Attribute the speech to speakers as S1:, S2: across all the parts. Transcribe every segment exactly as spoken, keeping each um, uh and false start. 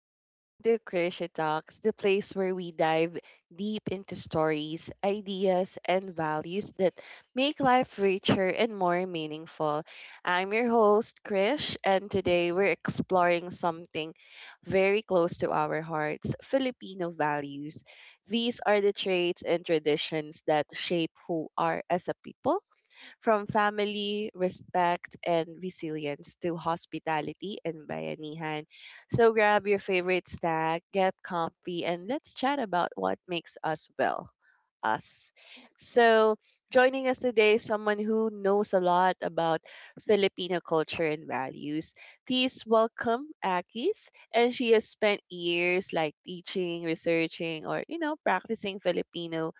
S1: Welcome to Krisha Talks, the place where we dive deep into stories, ideas, and values that make life richer and more meaningful. I'm your host, Krish, and today we're exploring something very close to our hearts Filipino values. These are the traits and traditions that shape who are as a people from family, respect, and resilience to hospitality and bayanihan. So grab your favorite snack, get comfy, and let's chat about what makes us well. Us. So, joining us today is someone who knows a lot about Filipino culture and values. Please welcome Akis. And she has spent years like teaching, researching, or, you know, practicing Filipino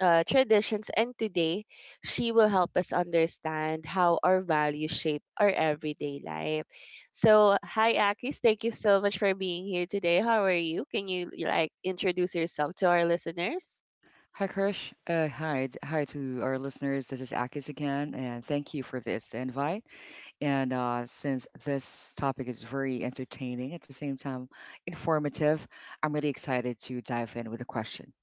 S1: uh, traditions, and today she will help us understand how our values shape our everyday life. So, hi, Akis. Thank you so much for being here today. How are you? Can you like introduce yourself to our listeners?
S2: Hi, Krish. Uh, hi, d- hi to our listeners. This is Akis again, and thank you for this invite. And uh, Since this topic is very entertaining, at the same time informative, I'm really excited to dive in with a question.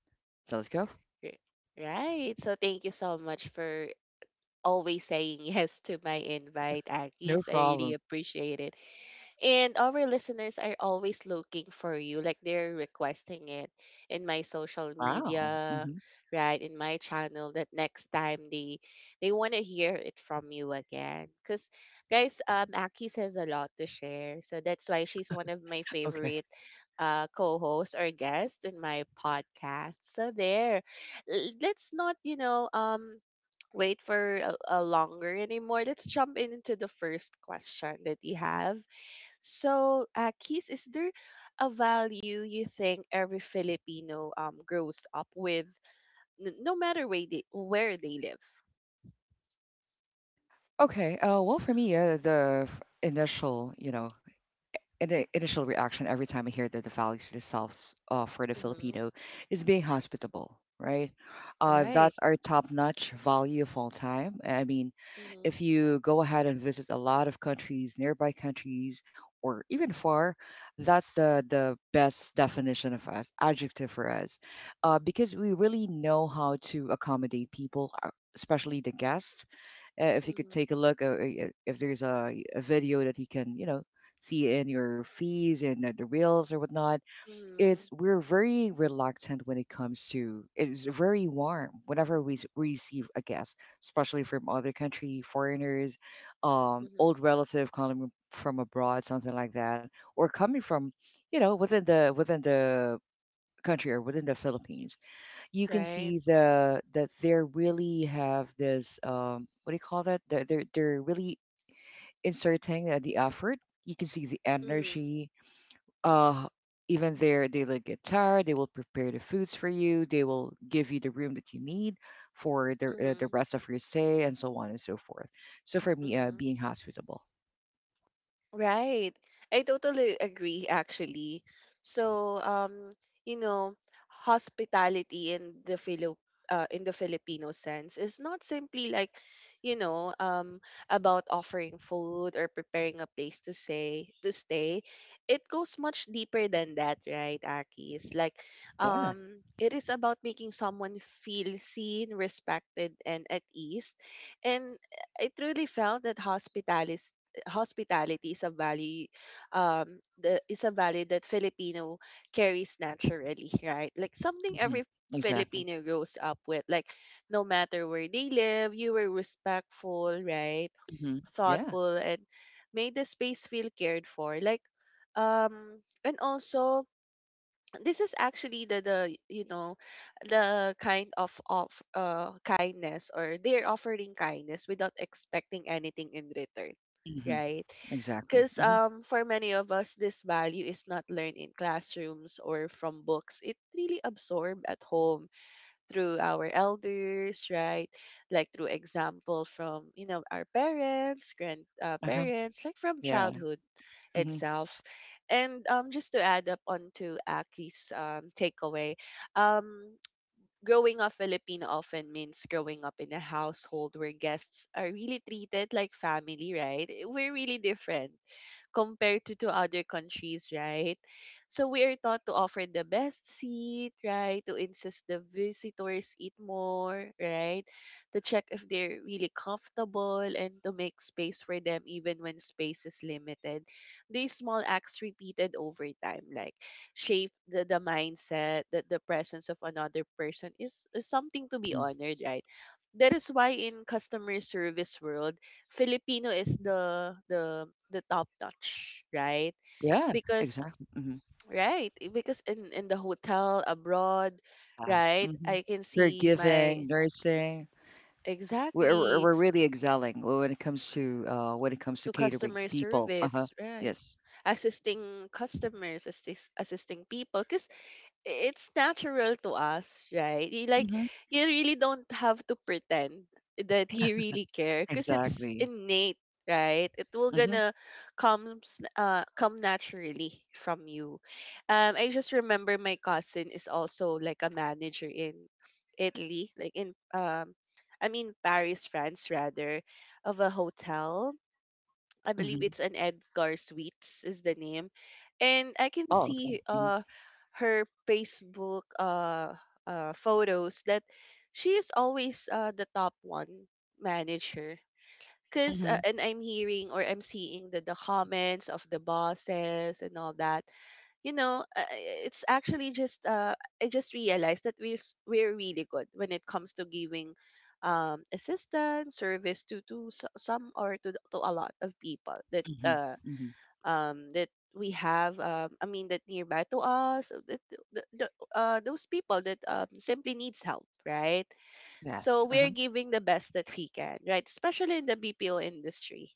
S2: So let's go.
S1: R- Right. So, thank you so much for always saying yes to my invite,
S2: No
S1: Akis. I really
S2: problem.
S1: appreciate it. And our listeners are always looking for you, like they're requesting it in my social
S2: Wow.
S1: media,
S2: Hmm.
S1: right? In my channel, that next time they they want to hear it from you again. Cause guys, um, Aki has a lot to share, so that's why she's one of my
S2: Okay.
S1: favorite uh co-hosts or guests in my podcast. So there, L- let's not you know um wait for a, a longer anymore. Let's jump into the first question that we have so, uh, Keith, is there a value you think every Filipino um grows up with, n- no matter where they where they live?
S2: Okay. Uh, well, for me, uh, the f- initial, you know, and the initial reaction every time I hear that, the values themselves, uh, for the
S1: Mm-hmm.
S2: Filipino, is being hospitable, right? Uh, that's
S1: Right.
S2: our top-notch value of all time. I mean,
S1: Mm-hmm.
S2: if you go ahead and visit a lot of countries, nearby countries, or even far, that's the the best definition of us, adjective for us, uh, because we really know how to accommodate people, uh, especially the guests. Uh, if you could
S1: Mm-hmm.
S2: take a look, uh, uh, if there's a, a video that he can, you know, see in your fees and, uh, the reels or whatnot, is we're very reluctant when it comes to It's very warm whenever we s- receive a guest, especially from other country foreigners, um old
S1: Mm-hmm.
S2: relative coming from abroad, something like that, or coming from, you know, within the within the country or within the Philippines. You can
S1: Right.
S2: see the, that they really have this, um what do you call that, they're they're, they're really inserting uh, the effort. You can see the
S1: Mm-hmm.
S2: energy, uh even their daily guitar. They will prepare the foods for you. They will give you the room that you need for the, uh, the rest of your stay, and so on and so forth. So for me, uh, being
S1: Mm-hmm.
S2: hospitable.
S1: Right. I totally agree actually. So um you know hospitality in the Philo uh, in the Filipino sense is not simply like you know um about offering food or preparing a place to say to stay. It goes much deeper than that, right, Aki? It's like
S2: Yeah.
S1: um it is about making someone feel seen, respected and at ease. And I truly felt that hospitality hospitality is a value um the is a value that Filipino carries naturally, right? Like something
S2: Hmm.
S1: every
S2: Exactly.
S1: Filipino grows up with. Like no matter where they live, you were respectful, right?
S2: Hmm. Yeah.
S1: Thoughtful and made the space feel cared for. Like um and also this is actually the the you know the kind of of uh kindness or they're offering kindness without expecting anything in return,
S2: Hmm.
S1: right?
S2: Exactly.
S1: Because
S2: Hmm.
S1: um, for many of us, this value is not learned in classrooms or from books. It really absorbed at home through our elders, right? Like through example from you know our parents, grand uh,
S2: Uh-huh.
S1: parents, like from
S2: Yeah.
S1: childhood
S2: Hmm.
S1: itself. And um, just to add up onto Aki's um, takeaway, um, growing up Filipino often means growing up in a household where guests are really treated like family, right? We're really different compared to, to other countries, right? So we are taught to offer the best seat, right? To insist the visitors eat more, right? To check if they're really comfortable and to make space for them even when space is limited. These small acts repeated over time, like shape the, the mindset that the presence of another person is, is something to be
S2: Hmm.
S1: honored, right? That is why in customer service world, Filipino is the the the top notch, right?
S2: Yeah.
S1: Because
S2: Exactly. Hmm.
S1: right, eh, because in in the hotel abroad,
S2: Yeah.
S1: right,
S2: Hmm.
S1: I can see
S2: Caregiving,
S1: my
S2: nursing. we're, we're
S1: exactly
S2: we're really excelling when it comes to, uh, when it comes to
S1: to
S2: catering
S1: customer
S2: to people. Uh-huh.
S1: service, right?
S2: Yes.
S1: Assisting customers, assist, assisting people, because it's natural to us, right? You- Like you really don't have to pretend that you really care because it's
S2: Exactly.
S1: innate, right? It will
S2: Mhm,
S1: gonna comes uh come naturally from you. Um, I just remember my cousin is also like a manager in Italy, like in um. I mean Paris, France, rather, of a hotel I believe
S2: mhm.
S1: it's an Edgar Sweets is the name. And I can
S2: Oh, okay.
S1: see
S2: Mhm,
S1: uh her Facebook uh uh photos that she is always uh the top one manager. Cause uh,
S2: mhm,
S1: and I'm hearing or I'm seeing the the comments of the bosses and all that, you know, uh, it's actually just uh, I just realized that we're s- we're really good when it comes to giving um, assistance, service to to s- some or to to a lot of people that
S2: mhm,
S1: uh,
S2: mhm.
S1: um, that we have. Um, I mean, that nearby to us, uh, that the, the, uh, those people that um, simply needs help, right? So
S2: Yes,
S1: we're
S2: uh-huh,
S1: giving the best that we can, right? Especially in the B P O industry,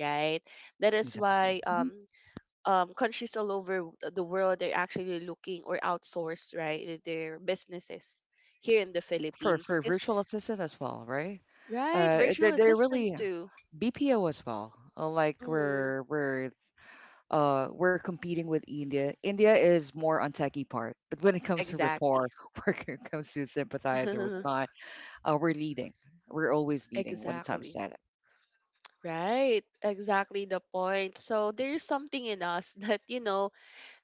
S1: right? That is
S2: exactly.
S1: why
S2: Mhm.
S1: um um, countries all over the world are actually looking or outsource right their businesses here in the
S2: For
S1: Philippines.
S2: for
S1: Yes,
S2: virtual assistant as well, right?
S1: right,
S2: Uh,
S1: virtual
S2: they they're
S1: assistants
S2: really
S1: too.
S2: B P O as well. Uh, Like
S1: Mhm.
S2: we're we're uh we're competing with India. India is more on techie part, but when it comes to rapport,
S1: Exactly.
S2: when it comes to sympathize or whatnot, uh, we're leading. We're always leading when it comes
S1: exactly.
S2: to that.
S1: Right. Exactly the point. So there's something in us that you know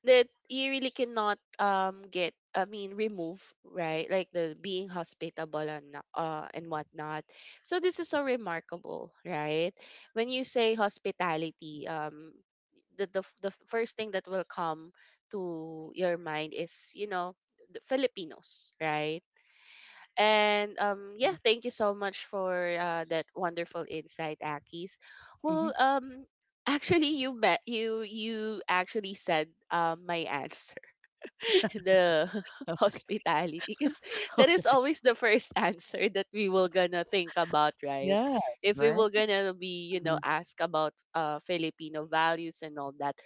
S1: that you really cannot um get I mean remove, right? Like the being hospitable and no- uh and whatnot. So this is so remarkable, right? When you say hospitality, um, the the f- the f- first thing that will come to your mind is, you know, the Filipinos, right? And um, yeah,
S2: Mhm.
S1: thank you so much for uh, that wonderful insight, Akis.
S2: Mhm.
S1: Well, um, actually, you met you you actually said um my answer the hospitality because that is
S2: Okay.
S1: always the first answer that we will gonna think about, right?
S2: Yes,
S1: If we
S2: right?
S1: will gonna be, you know,
S2: Hmm.
S1: asked about uh filipino values and all that.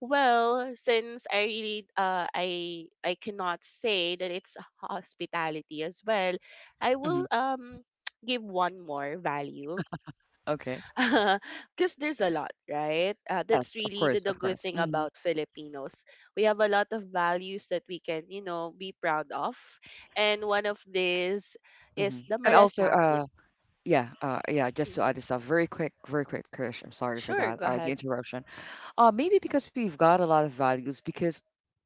S1: Well, since I really uh i i cannot say that it's hospitality as well, i
S2: Hmm.
S1: will um give one more value,
S2: Okay.
S1: because there's a lot, right? Uh,
S2: Yes,
S1: that's
S2: of
S1: really the,
S2: course,
S1: the
S2: of
S1: good
S2: course.
S1: thing
S2: Hmm.
S1: about Filipinos. We have a lot of values that we can, you know, be proud of. And one of these
S2: Hmm.
S1: is the
S2: And also,
S1: malasakit.
S2: uh, yeah, uh, yeah. Just to
S1: Mhm.
S2: add this up, very quick, very quick, Krish. I'm sorry for
S1: Sure,
S2: that.
S1: go
S2: All right, the
S1: ahead.
S2: interruption. Uh, maybe because we've got a lot of values, because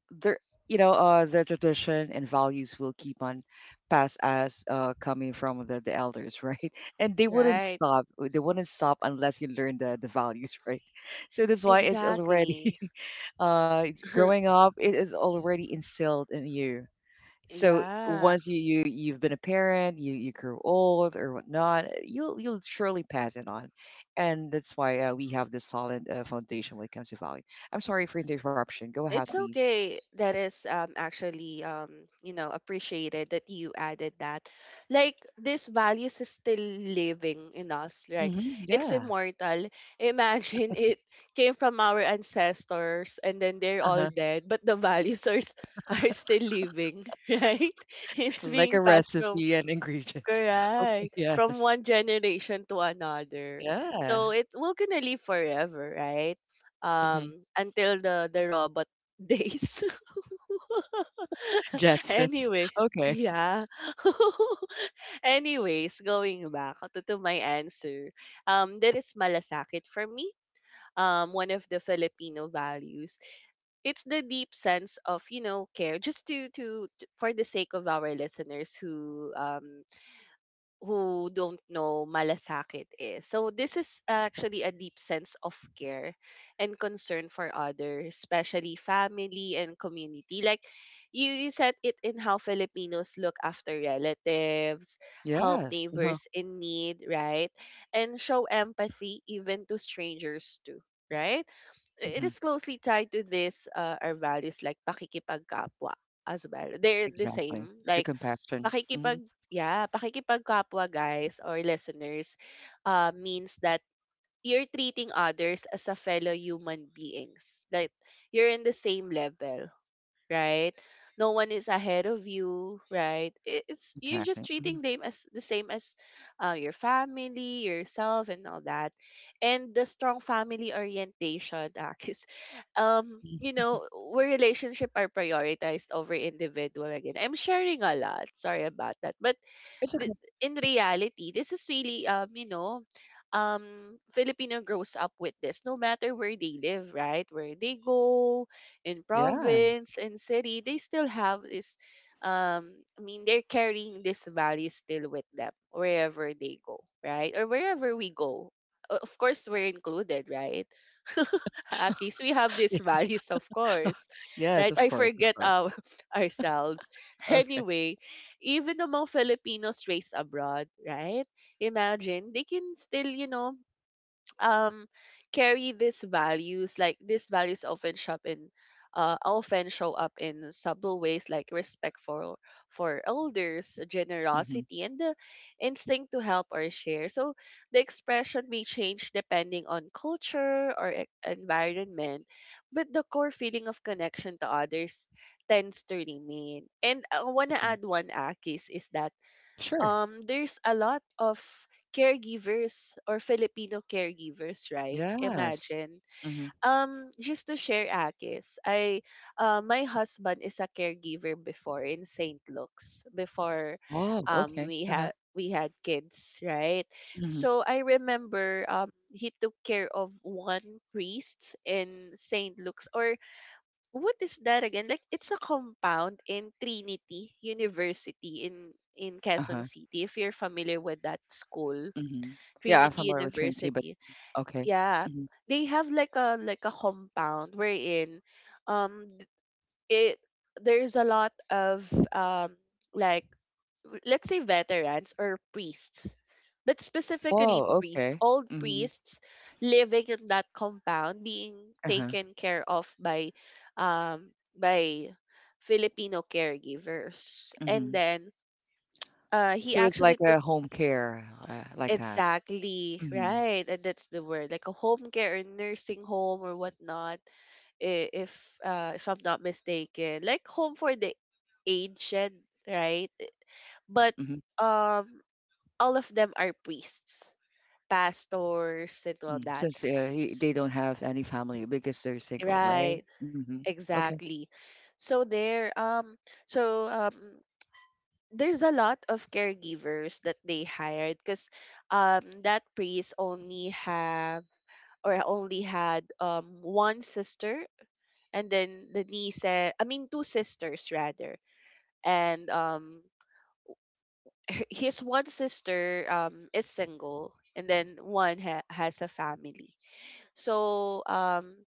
S2: there, you know, uh, the tradition and values will keep on pass as, uh coming from the, the elders, right? And they wouldn't
S1: Right.
S2: stop. They wouldn't stop unless you learn the the values, right? So that's why it's already
S1: Exactly.
S2: uh growing up. It is already instilled in you. So
S1: yeah.
S2: once you you you've been a parent, you you grow old or whatnot, you'll you'll surely pass it on, and that's why, uh, we have this solid, uh, foundation when it comes to value. I'm sorry for the interruption. Go ahead,
S1: It's
S2: please.
S1: okay. That is um actually um you know, appreciated that you added that. Like this values is still living in us. Like
S2: Hmm.
S1: it's
S2: Yeah.
S1: immortal. Imagine it came from our ancestors and then they're all
S2: Uh-huh.
S1: dead, but the values are s- are still living, right? It's
S2: Like
S1: being
S2: a
S1: passed from
S2: recipe and ingredients. Okay.
S1: Correct. From
S2: Yes.
S1: one generation to another. So
S2: Yeah.
S1: it will gonna live forever, right?
S2: Hmm.
S1: Um, until the the robot days.
S2: Jetsons.
S1: anyway,
S2: Okay.
S1: yeah. Anyways, going back to, to my answer, um, there is malasakit for me. Um, one of the Filipino values. It's the deep sense of, you know, care. Just to to to- for the sake of our listeners who um who don't know malasakit is. So this is actually a deep sense of care and concern for others, especially family and community. Like you, you said it in how Filipinos look after relatives, help
S2: Yes. Uh-huh.
S1: neighbors in need, right? And show empathy even to strangers too. Right? I- It
S2: Hmm.
S1: is closely tied to this uh, our values like pakikipagkapwa as well. They're the
S2: Exactly.
S1: same.
S2: The
S1: Like
S2: compassion. Hmm.
S1: pakikipag yeah, pakikipagkapwa guys or listeners, uh, means that you're treating others as a fellow human beings. That you're in the same level, right? No one is ahead of you, right? It- It's you're just
S2: Exactly. Hmm.
S1: treating them as the same as uh, your family, yourself, and all that. And the strong family orientation, because um, you know, where relationship are prioritized over individual again. I'm sharing a lot. Sorry about that, but
S2: It's
S1: th-
S2: okay.
S1: in reality, this is really um, you know, um Filipino grows up with this no matter where they live, right? Where they go in
S2: Yeah.
S1: province in city, they still have this um I mean they're carrying this value still with them wherever they go, right? Or wherever we go. O- Of course we're included, right? Akis, we have these
S2: Yes.
S1: values, of course,
S2: Yes.
S1: right?
S2: Of
S1: I
S2: course. Of
S1: forget
S2: course.
S1: our, ourselves.
S2: Okay.
S1: Anyway, even among Filipinos raised abroad, right? Imagine they can still, you know, um carry these values like these values often show in uh, often show up in subtle ways like respect for for elders
S2: Mhm,
S1: generosity and the instinct to help or share so the expression may change depending on culture or e- environment but the core feeling of connection to others tends to remain and I want to
S2: mhm.
S1: add one akis is that
S2: Sure.
S1: um there's a lot of caregivers or Filipino caregivers, right?
S2: Yes.
S1: Imagine.
S2: Mhm.
S1: Um, just to share Akis, I uh, my husband is a caregiver before in Saint Luke's before
S2: Oh,
S1: um
S2: okay.
S1: we
S2: Uh-huh.
S1: had we had kids, right?
S2: Mhm.
S1: So I remember um he took care of one priest in Saint Luke's or what is that again? Like it's a compound in Trinity University in in Quezon
S2: Uh-huh.
S1: City. If you're familiar with that school,
S2: Mhm. Yeah, I'm
S1: Trinity
S2: familiar with Trinity, but
S1: University.
S2: okay.
S1: Yeah,
S2: Mhm.
S1: they have like a like a compound wherein um th- it there's a lot of um like let's say veterans or priests, but specifically
S2: Oh,
S1: priests,
S2: okay.
S1: old
S2: Mhm.
S1: priests living in that compound being
S2: Uh-huh.
S1: taken care of by um by Filipino caregivers. And
S2: Mhm.
S1: then uh he
S2: So it's like
S1: actually took—
S2: a home care, uh, like that.
S1: exactly
S2: Mhm.
S1: right, and that's the word, like a home care or nursing home or whatnot. I- if uh if I'm not mistaken, like home for the aged, right?
S2: Yeah.
S1: But
S2: Mhm.
S1: um all of them are priests, pastors, and all
S2: Mm.
S1: that.
S2: Since uh, he,
S1: S-
S2: they don't have any family because they're single, right?
S1: Right,
S2: Mhm. Okay.
S1: exactly. So there, um, so um, there's a lot of caregivers that they hired because um, that priest only have— or only had um one sister and then the niece, eh, I mean two sisters rather, and um h- his one sister um is single and then one ha- has a family. So um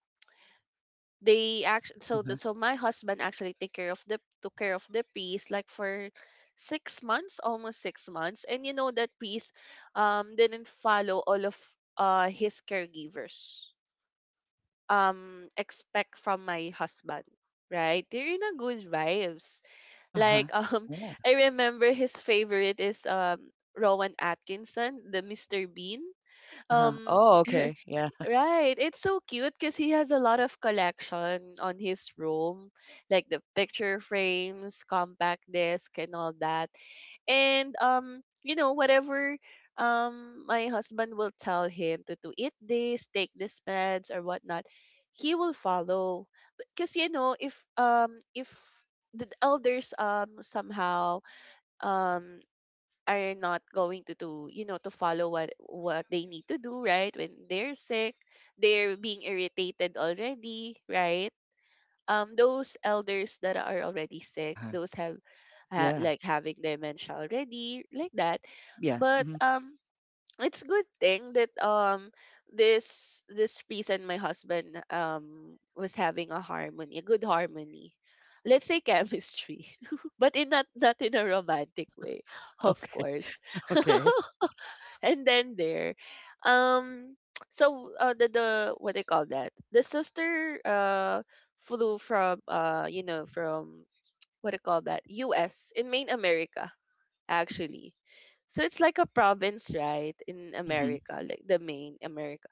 S1: they actually so
S2: Uh-huh.
S1: the, so my husband actually take care of— the took care of the piece like for six months, almost six months. And you know, that piece um didn't follow all of uh his caregivers um expect from my husband. Right? They're in a good vibes.
S2: Uh-huh.
S1: Like um
S2: Yeah.
S1: I remember his favorite is um Rowan Atkinson, the mister Bean.
S2: Uh-huh.
S1: Um
S2: Oh, okay. Yeah.
S1: Right. It's so cute because he has a lot of collection on his room, like the picture frames, compact disc, and all that. And um, you know, whatever um my husband will tell him to, to eat this, take this meds or whatnot, he will follow. Because you know, if um if the elders um somehow um are not going to do, you know, to follow what what they need to do, right, when they're sick, they're being irritated already, right? Um those elders that are already sick,
S2: Uh-huh.
S1: those have ha-
S2: Yeah.
S1: like having dementia already, like that.
S2: Yeah.
S1: But
S2: Mhm.
S1: um it's a good thing that um this this priest and my husband um was having a harmony, a good harmony. Let's say chemistry, but in— not not in a romantic way, of
S2: Okay.
S1: course.
S2: Okay.
S1: And then there, um, so uh, the the what they call that, the sister uh flew from uh you know, from what they call that, U S in main America actually. So it's like a province, right, in
S2: Mhm.
S1: America, like the main America.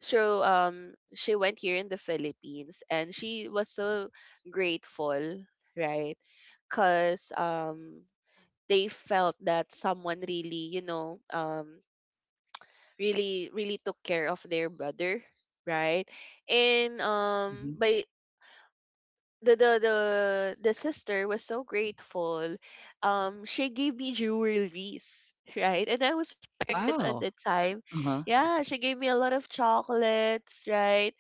S1: So um she went here in the Philippines and she was so grateful, right? Cause um they felt that someone really, you know, um really really took care of their brother, right? And
S2: Yes,
S1: um
S2: mhm.
S1: by the the the the sister was so grateful. Um, she gave me jewelries, right? And I was pregnant at the
S2: Wow.
S1: time.
S2: Uh-huh.
S1: Yeah, she gave me a lot of chocolates, right?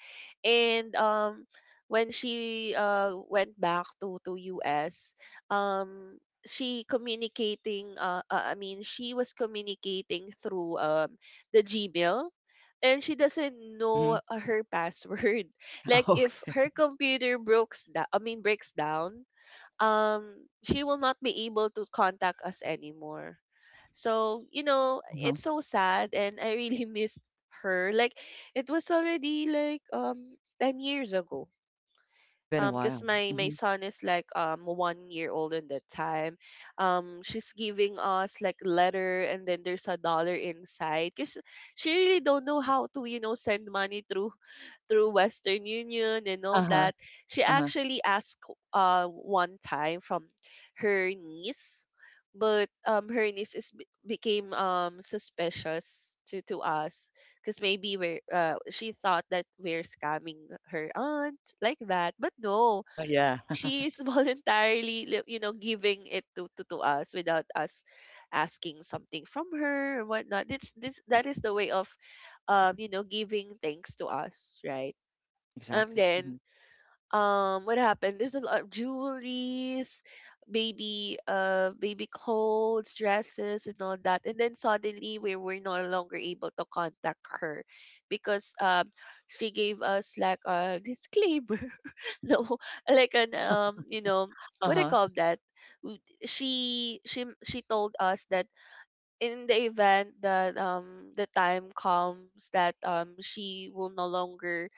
S1: And um, when she uh went back to to U S, um, she communicating. Uh, uh, I mean, she was communicating through um the Gmail. And she doesn't
S2: Mhm.
S1: know uh, her password. Like
S2: Oh,
S1: if her computer breaks down, I mean breaks down, um, she will not be able to contact us anymore. So you know,
S2: uh-huh.
S1: it's so sad, and I really missed her. Like it was already like um ten years ago.
S2: It's been a
S1: Um, because
S2: while.
S1: my my
S2: Mhm.
S1: son is like um one year old at that time. Um, she's giving us like letter, and then there's a dollar inside. Cause she really don't know how to, you know, send money through through Western Union and all
S2: Uh-huh,
S1: that. She
S2: uh-huh,
S1: actually asked uh one time from her niece, but um her niece is be- became um suspicious to to us, because maybe we're— uh, she thought that we're scamming her aunt like that, but no,
S2: uh-huh, yeah.
S1: she is voluntarily li- you know, giving it to, to to us without us asking something from her or whatnot. This this that is the way of um you know, giving thanks to us, right? And
S2: Exactly, mhm.
S1: then, um, what happened? There's a lot of jewelries, baby, uh, baby clothes, dresses, and all that. And then suddenly, we were no longer able to contact her because um, she gave us like a disclaimer, no, like an um, you know, what do you
S2: Uh-huh,
S1: call that? W- She she she told us that in the event that um the time comes that um she will no longer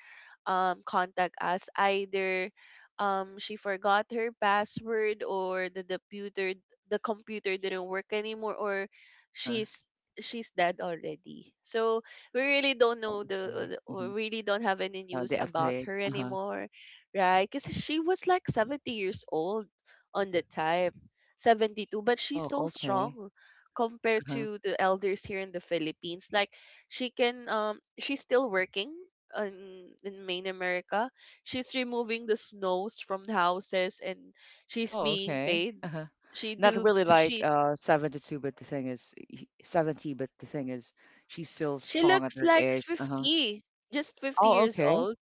S1: um, contact us. Either um, she forgot her password or the computer the computer didn't work anymore, or
S2: uh-huh.
S1: she's she's dead already. So we really don't
S2: Oh,
S1: know
S2: okay,
S1: the— uh,
S2: mhm.
S1: we really don't have any
S2: Oh,
S1: news
S2: they
S1: about
S2: upgrade.
S1: her
S2: Uh-huh.
S1: anymore, right? Because she was like seventy years old on the time, seventy-two, but she's
S2: Oh,
S1: so
S2: okay.
S1: strong compared
S2: Uh-huh.
S1: to the elders here in the Philippines. Like she can um she's still working in, in main America. She's removing the snows from the houses and she's
S2: Oh,
S1: being
S2: okay.
S1: paid.
S2: Uh-huh.
S1: She
S2: Not
S1: do
S2: really like,
S1: she
S2: uh, seventy-two, but the thing is, he seventy, but the thing is, she's still
S1: she
S2: strong at
S1: looks
S2: her
S1: like
S2: age. Uh-huh.
S1: fifty, just fifty
S2: Oh,
S1: years
S2: okay.
S1: old,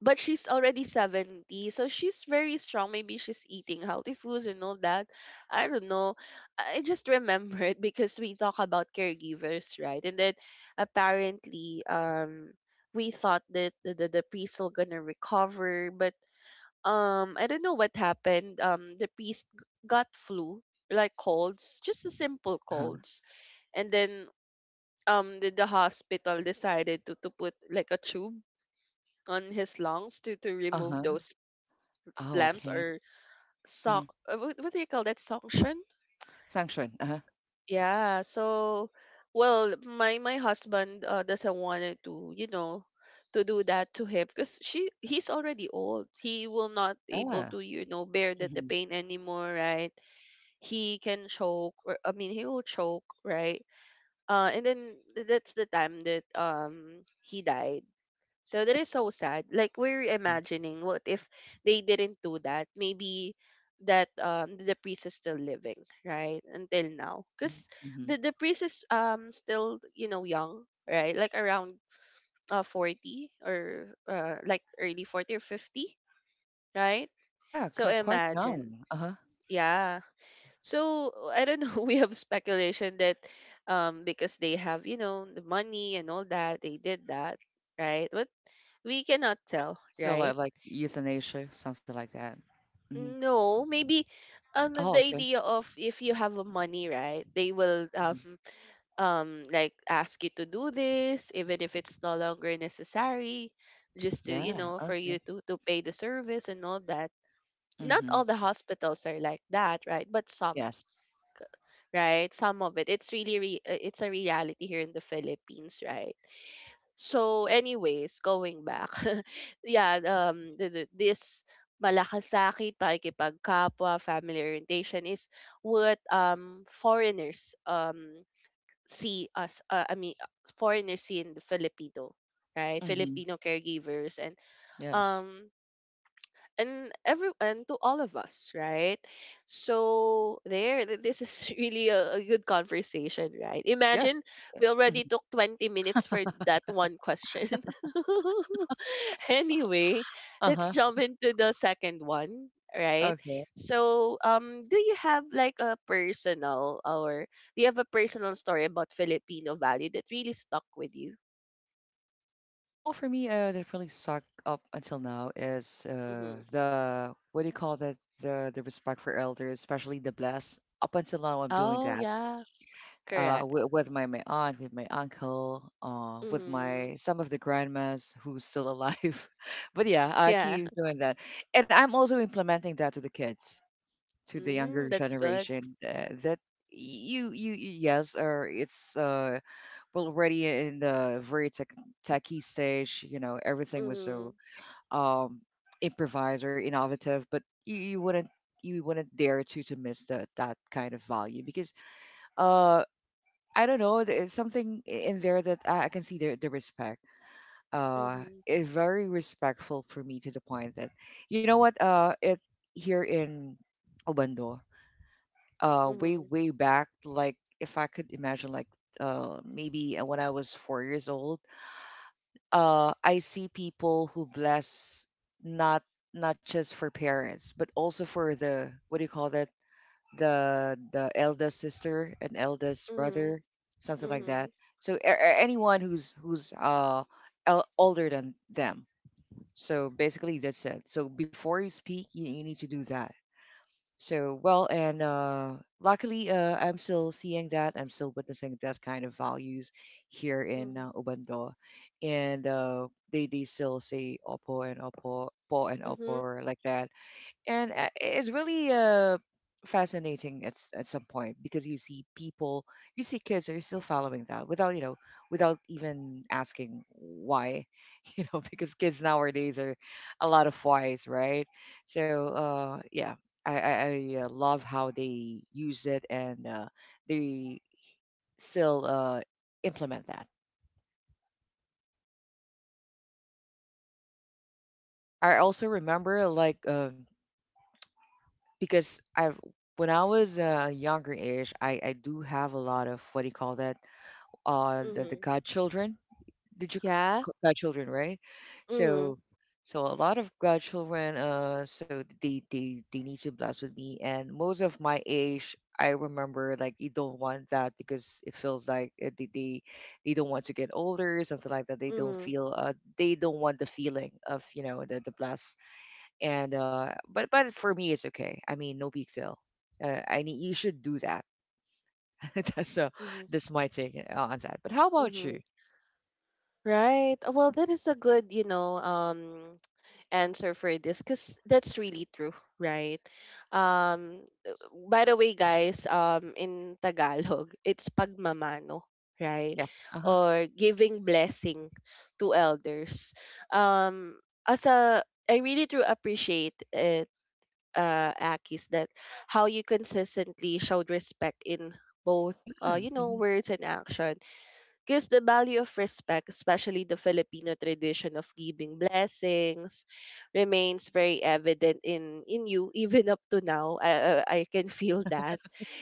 S1: but she's already seventy. So she's very strong. Maybe she's eating healthy foods and all that. I don't know. I just remembered because we talk about caregivers, right? And then apparently um we thought that the, the, the priest will gonna recover, but um I don't know what happened. Um, the priest g- got flu, like colds, just a simple
S2: Uh-huh,
S1: colds. And then um the, the hospital decided to, to put like a tube on his lungs to, to remove
S2: uh-huh.
S1: those
S2: Oh,
S1: flames,
S2: okay.
S1: or
S2: Mhm.
S1: sock— uh, what, what do you call that, suction?
S2: Sanction. Uh-huh.
S1: Yeah. So well, my my husband uh, doesn't wanted to, you know, to do that to him because she— he's already old. He will not able
S2: Yeah.
S1: to, you know, bear the, the
S2: Mhm.
S1: pain anymore, right? He can choke, or I mean, he will choke, right? Uh and then th- that's the time that um he died. So that is so sad, like we're
S2: Uh-huh.
S1: imagining, what if they didn't do that, maybe that um the priest is still living right until now,
S2: Yeah,
S1: because
S2: mhm.
S1: the, the priest is um still, you know, young, right? Like around uh forty, or uh like early forty or fifty, right?
S2: Yeah,
S1: So
S2: qui quite
S1: imagine.
S2: young, uh-huh.
S1: Yeah. So uh, I don't know. We have speculation that um because they have, you know, the money and all that, they did that, right? But we cannot tell,
S2: So,
S1: right.
S2: like like, euthanasia, something like that. Mhm.
S1: No, maybe um
S2: Oh,
S1: the
S2: okay,
S1: idea of, if you have a money, right, they will
S2: mhm.
S1: um um like ask you to do this even if it's no longer necessary, just to, you
S2: Yeah,
S1: know, for you
S2: okay.
S1: to, to pay the service and all that. Not
S2: Mhm.
S1: all the hospitals are like that, right? But some,
S2: Yes.
S1: right? Some of it. It's really re- uh, it's a reality here in the Philippines, right? So anyways, going back. Yeah, um the, the, this malakas sakit, pakikipagkapwa, family orientation is what um foreigners um see us— uh, I mean uh, foreigners see in the Filipino, right?
S2: Mhm.
S1: Filipino caregivers, and
S2: Yes.
S1: um and every, and to all of us, right? So there th- this is really a, a good conversation, right?
S2: Yeah,
S1: Imagine, we already
S2: mhm.
S1: took twenty minutes for that one question. Anyway, let's
S2: Uh-huh,
S1: jump into the second one, right?
S2: okay.
S1: So um do you have like a personal, or do you have a personal story about Filipino value that really stuck with you?
S2: Well, for me, uh, that really sucked up until now is,
S1: Hmm.
S2: uh, the what do you call that? The the respect for elders, especially the blessed. Up until now, I'm doing
S1: Oh,
S2: that.
S1: yeah.
S2: uh,
S1: Correct.
S2: w- with my, my aunt, with my uncle, uh, with
S1: Hmm.
S2: my some of the grandmas who's still alive. But yeah, I
S1: Yeah.
S2: keep doing that, and I'm also implementing that to the kids, to the
S1: Mm,
S2: younger
S1: that's good.
S2: generation. Uh, that, you you you- yes, or it's, uh, well, already in the very tech, techy stage. You know, everything was so,
S1: Mhm.
S2: um, improvised or innovative, but you, you wouldn't you wouldn't dare to to miss that that kind of value because, uh I don't know. There's something, i- in there that I I can see the the respect. Uh,
S1: Mhm.
S2: it's very respectful for me to the point that, you know what? Uh, it Here in Obando, uh, way
S1: Mhm.
S2: way back, like if I could imagine, like, uh, maybe, uh, when I was four years old, uh, I see people who bless, not not just for parents, but also for, the what do you call that? the the eldest sister and eldest
S1: Mhm.
S2: brother, something like that.
S1: Mhm.
S2: So, a- a- anyone who's who's uh el- older than them. So basically that's it. So before you speak, you, you need to do that. So well, and uh, luckily, uh, I'm still seeing that. I'm still witnessing that kind of values here in,
S1: Mhm.
S2: uh, Obando, and, uh, they they still say opo and opo, po and
S1: Mhm.
S2: opo like that, and, uh, it's really, uh, fascinating at s- at some point because you see people, you see kids are still following that without, you know without even asking why, you know because kids nowadays are a lot of whys, right? So, uh, yeah, I I, I uh, love how they use it, and uh, they still, uh, implement that. I also remember like. Uh, because I've when I was, uh, younger age, I I do have a lot of, what do you call that? Uh, the the
S1: Mhm.
S2: godchildren. Did you,
S1: Yeah.
S2: c- godchildren, right?
S1: Mhm.
S2: So so a lot of godchildren. Uh, so they they they need to bless with me, and most of my age. I remember like you don't want that because it feels like, uh, they, they they don't want to get older, something like that. They don't
S1: Mhm.
S2: feel, uh they don't want the feeling of, you know, the the bless. And uh but but for me it's okay. I mean, no big deal. Uh, i need you should do that. that's uh
S1: Mhm.
S2: that's my take, uh, on that, but how about you?
S1: Mhm. Right. Uh, well, that is a good, you know, um answer for this, because that's really true, right? Um, uh, by the way, guys, um, in Tagalog, it's pagmamano, right?
S2: Yes. Uh-huh.
S1: Or giving blessing to elders. Um, as a, I really do appreciate it, uh, Akis, that how you consistently showed respect in both,
S2: Yeah.
S1: uh, you know,
S2: Mhm,
S1: words and action, because the value of respect, especially the Filipino tradition of giving blessings, remains very evident in, in you even up to now. I, I I can feel that.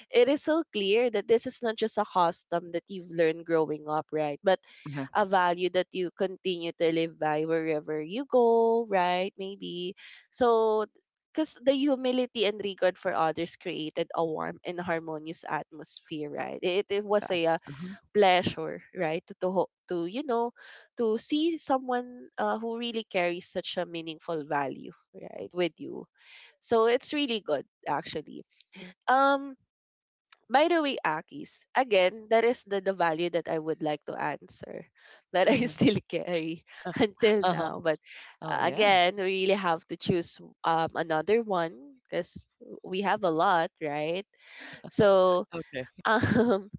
S1: It is so clear that this is not just a custom that you've learned growing up, right? But
S2: uh-huh.
S1: a value that you continue to live by wherever you go, right? Maybe. So, because the humility and regard for others created a warm and harmonious atmosphere, right? It, it was a uh,
S2: Yes. Uh-huh.
S1: pleasure, right, to to, ho- to, you know, to see someone uh, who really carries such a meaningful value, right, with you. So it's really good actually. um by the way, Akis, again, that is the, the value that I would like to answer that I
S2: Hmm.
S1: still carry until
S2: Uh-huh.
S1: now. But
S2: Oh
S1: uh,
S2: yeah.
S1: again, we really have to choose um another one, because we have a lot, right? So
S2: Okay.
S1: um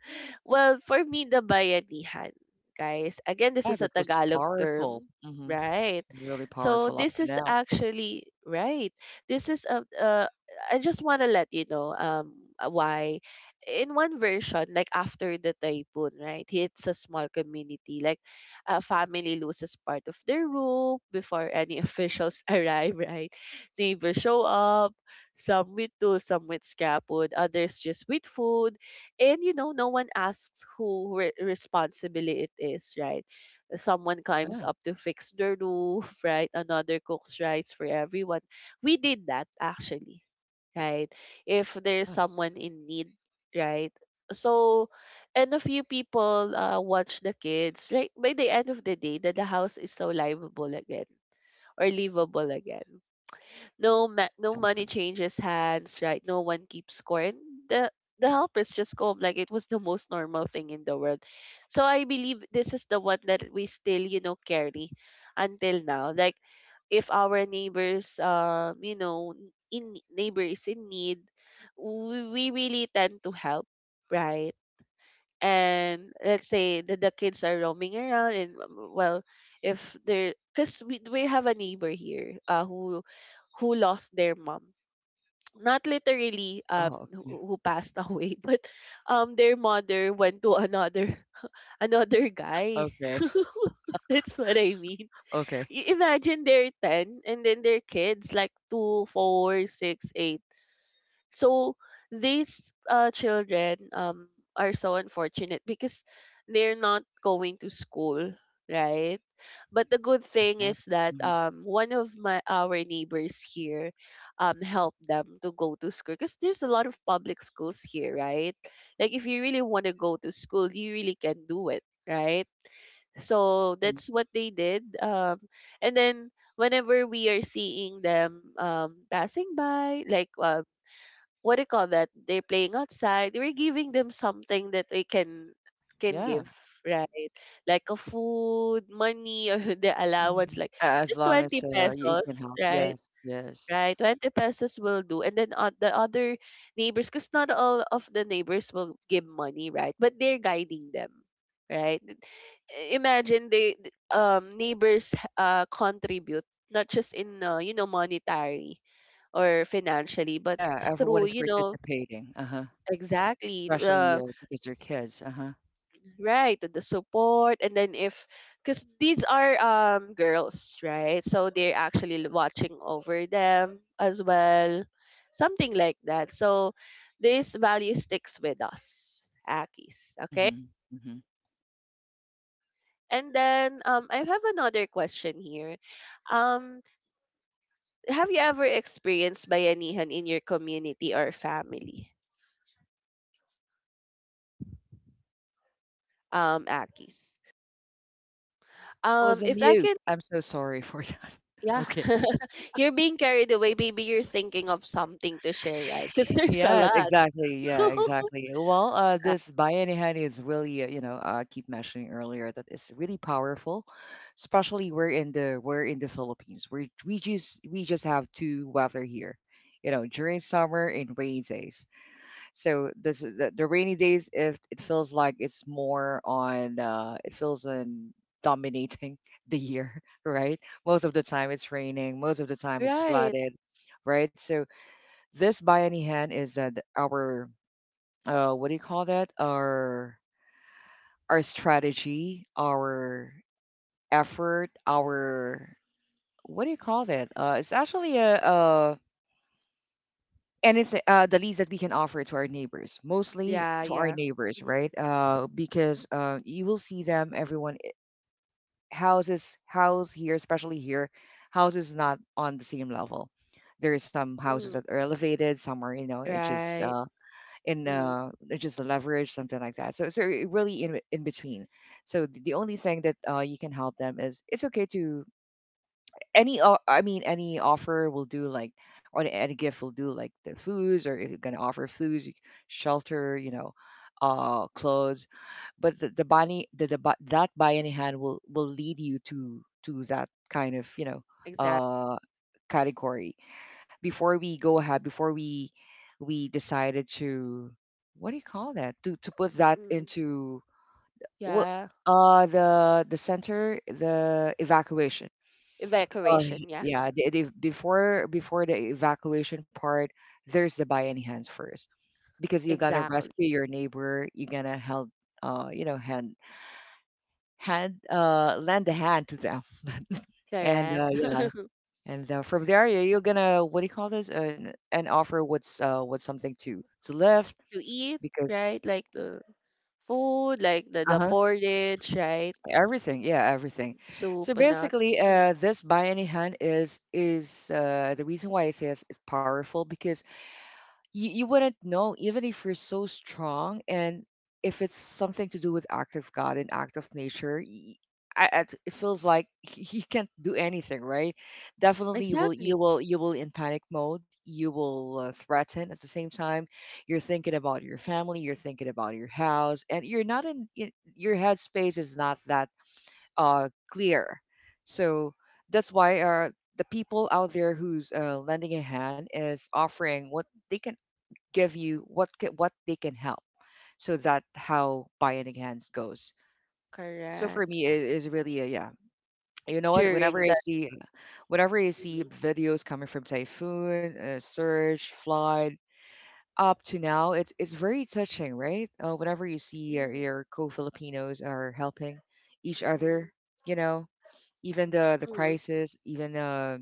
S1: well, for me, the bayanihan, guys. Again, this
S2: Yeah,
S1: is a
S2: that was
S1: Tagalog
S2: powerful.
S1: term,
S2: Hmm.
S1: right?
S2: Really
S1: So
S2: powerful up
S1: this
S2: to
S1: is
S2: now.
S1: actually right. This is a— uh, I just want to let you know um uh, why. In one version, like after the typhoon, right, hits a small community. Like, a family loses part of their roof before any officials arrive, right? Neighbors show up, some with tools, some with scrap wood, others just with food. And you know no one asks who re- responsibility it is, right? Someone climbs
S2: Yeah.
S1: up to fix the roof, right? Another cooks rice for everyone. We did that actually, right? If there's
S2: Yes.
S1: someone in need, right? So and a few people, uh, watch the kids, right? By the end of the day that the house is so livable again, or livable again. No
S2: Yeah,
S1: ma- no money
S2: exactly.
S1: changes hands, right? No one keeps score. And the the helpers just come like it was the most normal thing in the world. So I believe this is the one that we still, you know, carry until now. Like if our neighbors, um you know in neighbor is in need, we, we really tend to help, right? And let's say that the kids are roaming around, and um, well, if they're, because we, we have a neighbor here, uh, who who lost their mom, not literally, um
S2: Oh,
S1: who,
S2: okay.
S1: who passed away, but um their mother went to another another guy.
S2: Okay.
S1: That's what I mean.
S2: Okay.
S1: Y- imagine they're ten, and then their kids like two, four, six, eight. So these uh, children, um, are so unfortunate because they're not going to school, right? But the good
S2: Oh
S1: thing
S2: yeah.
S1: is that,
S2: Hmm.
S1: um, one of my our neighbors here, um, helped them to go to school because there's a lot of public schools here, right? Like if you really want to go to school, you really can do it, right? So
S2: Hmm.
S1: that's what they did. Um, and then whenever we are seeing them, um, passing by, like, uh, what do you call that? They're playing outside. We're giving them something that they can can
S2: Yeah.
S1: give, right? Like a food, money, or the allowance,
S2: Mhm.
S1: like
S2: As
S1: just
S2: long as,
S1: twenty
S2: uh, you can
S1: pesos,
S2: help.
S1: right?
S2: Yes, yes.
S1: Right, twenty pesos will do. And then, uh, the other neighbors, because not all of the neighbors will give money, right? But they're guiding them, right? Imagine they, th- um neighbors, uh contribute not just in, uh, you know monetary or financially, but
S2: Yeah, everyone
S1: through
S2: is
S1: you know
S2: participating. Uh-huh.
S1: exactly.
S2: Especially,
S1: Uh,
S2: uh, because they're kids. Uh-huh.
S1: right. The support. And then if, because these are, um girls, right? So they're actually, l- watching over them as well. Something like that. So this value sticks with us, Akis. Okay.
S2: Mm-hmm. Mm-hmm.
S1: And then, um, I have another question here. Um, have you ever experienced bayanihan in your community or family, um, Akis?
S2: I
S1: Um,
S2: was on
S1: if I
S2: mute.
S1: can.
S2: I'm so sorry for that.
S1: Yeah.
S2: Okay.
S1: You're being carried away. Maybe you're thinking of something to share, right? Because there's a
S2: Yes,
S1: lot.
S2: exactly. Yeah, exactly. Well, uh, this Bayani Hen is really, uh, you know, I keep mentioning earlier that it's really powerful, especially we're in the we're in the Philippines. We we just we just have two weather here, you know, during summer and rainy days. So this is the, the rainy days. If it feels like it's more on, uh, it feels on dominating the year, right? Most of the time it's raining. Most of the time it's
S1: Right.
S2: flooded, right? So this by any hand is, uh, th- our, uh, what do you call that? Our our strategy, our effort, our what do you call that? Uh, it's actually a, a anything, uh, the least that we can offer to our neighbors, mostly
S1: Yeah,
S2: to our
S1: yeah.
S2: neighbors,
S1: Mhm.
S2: right. Uh, because, uh, you will see them, everyone, i- houses, house here, especially here, houses not on the same level. There are some houses that
S1: Mm.
S2: are elevated, some are, you know, it's just,
S1: Right.
S2: uh, in
S1: Mm.
S2: uh, it's just the leverage, something like that. So so it really in, in between. So, th- the only thing that, uh, you can help them is it's okay to any o- I mean, any offer will do, like, or any gift will do, like the foods. Or if you're gonna offer foods, y- shelter, you know, uh clothes. But the, the buying the, the bu- that buy any hand will will lead you to to that kind of you know
S1: Exactly.
S2: uh category. Before we go ahead, before we we decided to, what do you call that, to to put that
S1: Mm.
S2: into, what,
S1: Yeah.
S2: uh the the center, the evacuation. Oh,
S1: Evacuation.
S2: he-
S1: Yeah.
S2: yeah. They, they before before the evacuation part, there's the buy any hands first, because you're gonna
S1: Exactly.
S2: rescue your neighbor. You're gonna help, uh, you know, hand hand uh lend a hand to them, and uh,
S1: Correct.
S2: yeah, and uh, from there, you- you're gonna, what do you call this? An an offer, what's uh what's something to to lift,
S1: To eat,
S2: because,
S1: right? Like the food, like the,
S2: uh
S1: the
S2: huh
S1: porridge, right?
S2: everything, yeah, everything.
S1: Soup
S2: So
S1: and that.
S2: basically,
S1: Mm.
S2: uh, this buy any hand is is uh the reason why I say it's, it's powerful, because you, you wouldn't know. Even if you're so strong, and if it's something to do with act of God and act of nature, y- I, I- it feels like you can't do anything, right? Definitely you will,
S1: Exactly.
S2: you will you will, in panic mode, you will, uh, threaten at the same time. You're thinking about your family, you're thinking about your house, and you're not in, y- your headspace is not that uh clear. So that's why uh the people out there, who's uh, lending a hand, is offering what they can give you, what ca- what they can help. So that how Bionic Hands goes. So for
S1: Correct.
S2: me, it is really a yeah. You know what? Whenever
S1: During
S2: I
S1: that.
S2: see, whenever I see
S1: Mm.
S2: videos coming from Typhoon, uh, Surge, Flood, up to now, it's it's very touching, right? Uh, whenever you see your,
S1: Mm.
S2: your co-Filipinos are helping each
S1: Mm-hmm.
S2: other, you know, even the the
S1: Mm.
S2: crisis, even uh,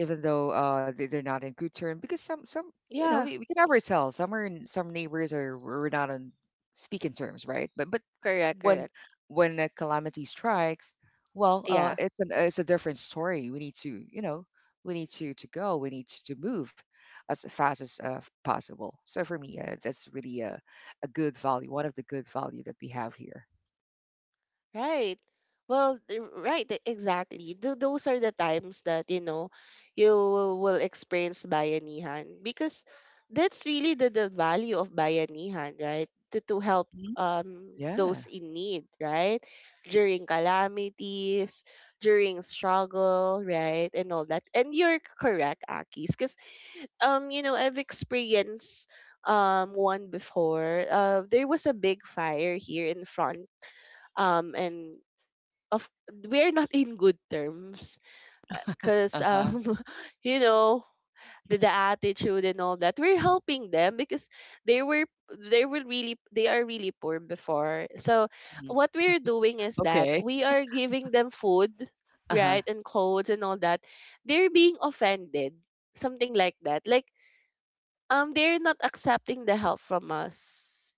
S2: even though uh they- they're not in good term, because some some you know,
S1: Yeah.
S2: we, we can never tell, some are in, some neighbors are, we're not on speaking terms, right, but but
S1: Correct,
S2: when
S1: correct.
S2: when a calamity strikes, well, uh
S1: Yeah,
S2: it's an it's a different story. We need to, you know, we need to to go, we need to, to move as fast as uh, possible. So for me, uh, that's really a, a good value, one of the good value that we have here.
S1: right. Well, th- right, e- exactly. Th- those are the times that, you know, you will experience bayanihan, because that's really the, the value of bayanihan, right? To, to help
S2: Mhm.
S1: um those
S2: Yeah.
S1: in need, right? During calamities, during struggle, right? And all that. And you're correct, Akis, because, um, you know, I've experienced um one before. Uh, there was a big fire here in front, um and of, we're not in good terms because,
S2: Uh-huh.
S1: um you know the, the attitude and all that. We're helping them because they were they were really, they are really poor before. So
S2: Mhm.
S1: what we're doing is that
S2: Okay.
S1: we are giving them food,
S2: Uh-huh.
S1: right? And clothes and all that. They're being offended, something like that. Like, um they're not accepting the help from us.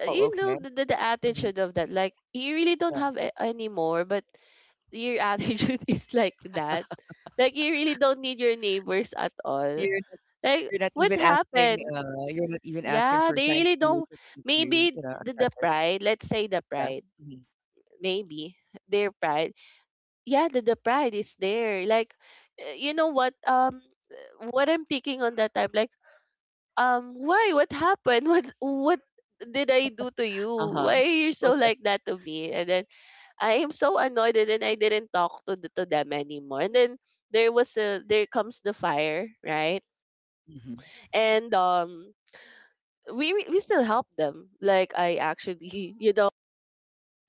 S1: Uh,
S2: Oh,
S1: you know
S2: okay.
S1: the, the, the
S2: Mhm.
S1: attitude of that, like you really don't
S2: Yeah.
S1: have a- any more, but your attitude is like that, like you really don't need your neighbors at all.
S2: You're
S1: Like
S2: You're not
S1: what
S2: even asking,
S1: happened?
S2: uh, you're not even asking
S1: Yeah,
S2: for
S1: they
S2: thank
S1: really
S2: you,
S1: don't.
S2: just to, you
S1: Maybe
S2: know,
S1: the, the
S2: accept it.
S1: pride. Let's say the
S2: Yeah.
S1: pride.
S2: Mhm.
S1: Maybe their pride. Yeah, the, the pride is there. Like, uh, you know what? Um, what I'm thinking on that time, like, um, why? What happened? What what did I do to you?
S2: Uh-huh.
S1: Why are you so
S2: Okay.
S1: like that to me? And then I am so annoyed, and then I didn't talk to the, to them anymore. And then there was a there comes the fire, right?
S2: Mhm.
S1: And um we we we still help them. Like, I actually, you know,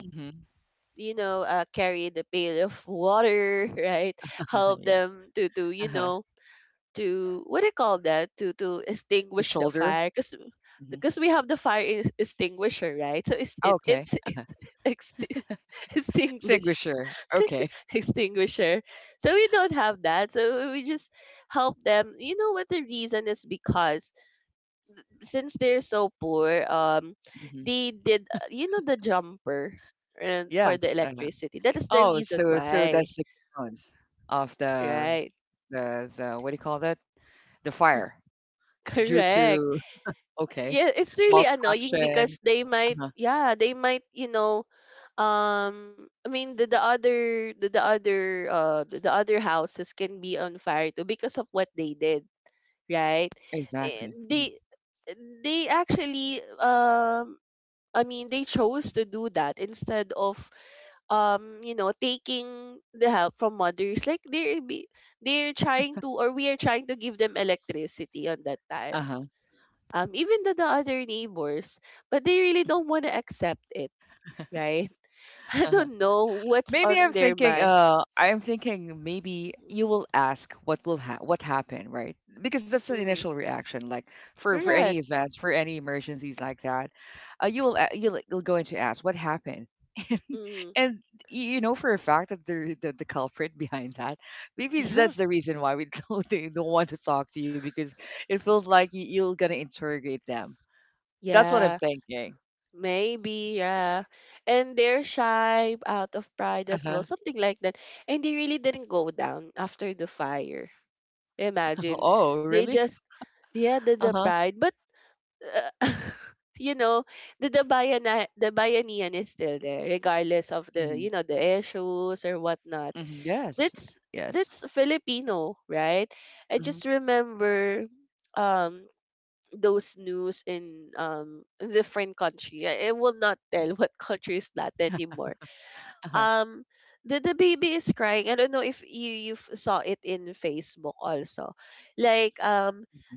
S2: Mhm.
S1: you know, uh, carry the pail of water, right? Help
S2: Yeah.
S1: them to, to you
S2: Uh-huh.
S1: know to, what do you call that, to, to
S2: The
S1: extinguish the
S2: shoulder.
S1: fire, because
S2: Mhm.
S1: because we have the fire is- extinguisher, right? So it's, it,
S2: Okay.
S1: it's
S2: Uh-huh.
S1: ext- extinguish,
S2: Extinguisher. Okay.
S1: extinguisher. So we don't have that. So we just help them. You know what the reason is? Because since they're so poor, um,
S2: Mhm.
S1: they did, uh, you know the jumper and for the
S2: Yes. Uh-huh.
S1: electricity. That is the
S2: Oh,
S1: reason
S2: so so
S1: why,
S2: that's the cause of the
S1: right?
S2: the the what do you call that? The fire due
S1: Correct.
S2: to, okay,
S1: Yeah, it's really annoying,
S2: malfunction.
S1: because they might,
S2: Uh-huh.
S1: yeah, they might, you know, um, I mean the, the other the, the other uh the, the other houses can be on fire too because of what they did, right? Eh.
S2: Exactly. Mhm.
S1: They they actually, um I mean, they chose to do that instead of, um you know, taking the help from mothers. Like they're be, they're trying to, or we are trying to give them electricity on that time,
S2: Uh-huh.
S1: um even to the other neighbors, but they really don't want to accept it, right? I
S2: Uh-huh.
S1: don't know what's
S2: Maybe I'm
S1: on their
S2: thinking,
S1: mind.
S2: uh, I'm thinking, maybe you will ask what will, ha what happened, right? Because that's the
S1: Mm.
S2: initial reaction, like, for for any
S1: Correct.
S2: events, for any emergencies like that, uh, you will, a- you'll you'll go into ask what happened,
S1: Mm.
S2: and y- you know for a fact that the the, the culprit behind that. Maybe
S1: Yeah.
S2: that's the reason why we don't they don't want to talk to you, because it feels like you, you're gonna interrogate them. That's what I'm
S1: Yeah.
S2: thinking.
S1: Maybe, yeah. And they're shy out of pride as
S2: Uh-huh.
S1: well, something like that. And they really didn't go down after the fire. Imagine.
S2: Oh,
S1: They
S2: really?
S1: just, yeah, the, the
S2: Uh-huh.
S1: pride. But, uh, you know, the, the, bayana, the bayanihan is still there, regardless of the,
S2: Hmm.
S1: you know, the issues or whatnot.
S2: Hmm. Yes.
S1: That's,
S2: Yes.
S1: that's Filipino, right? I
S2: Mm-hmm.
S1: just remember um those news in, um different country. I, I will not tell what country is that anymore.
S2: Uh-huh.
S1: Um, the the baby is crying. I don't know if you you f- saw it in Facebook also. Like, um,
S2: Mhm.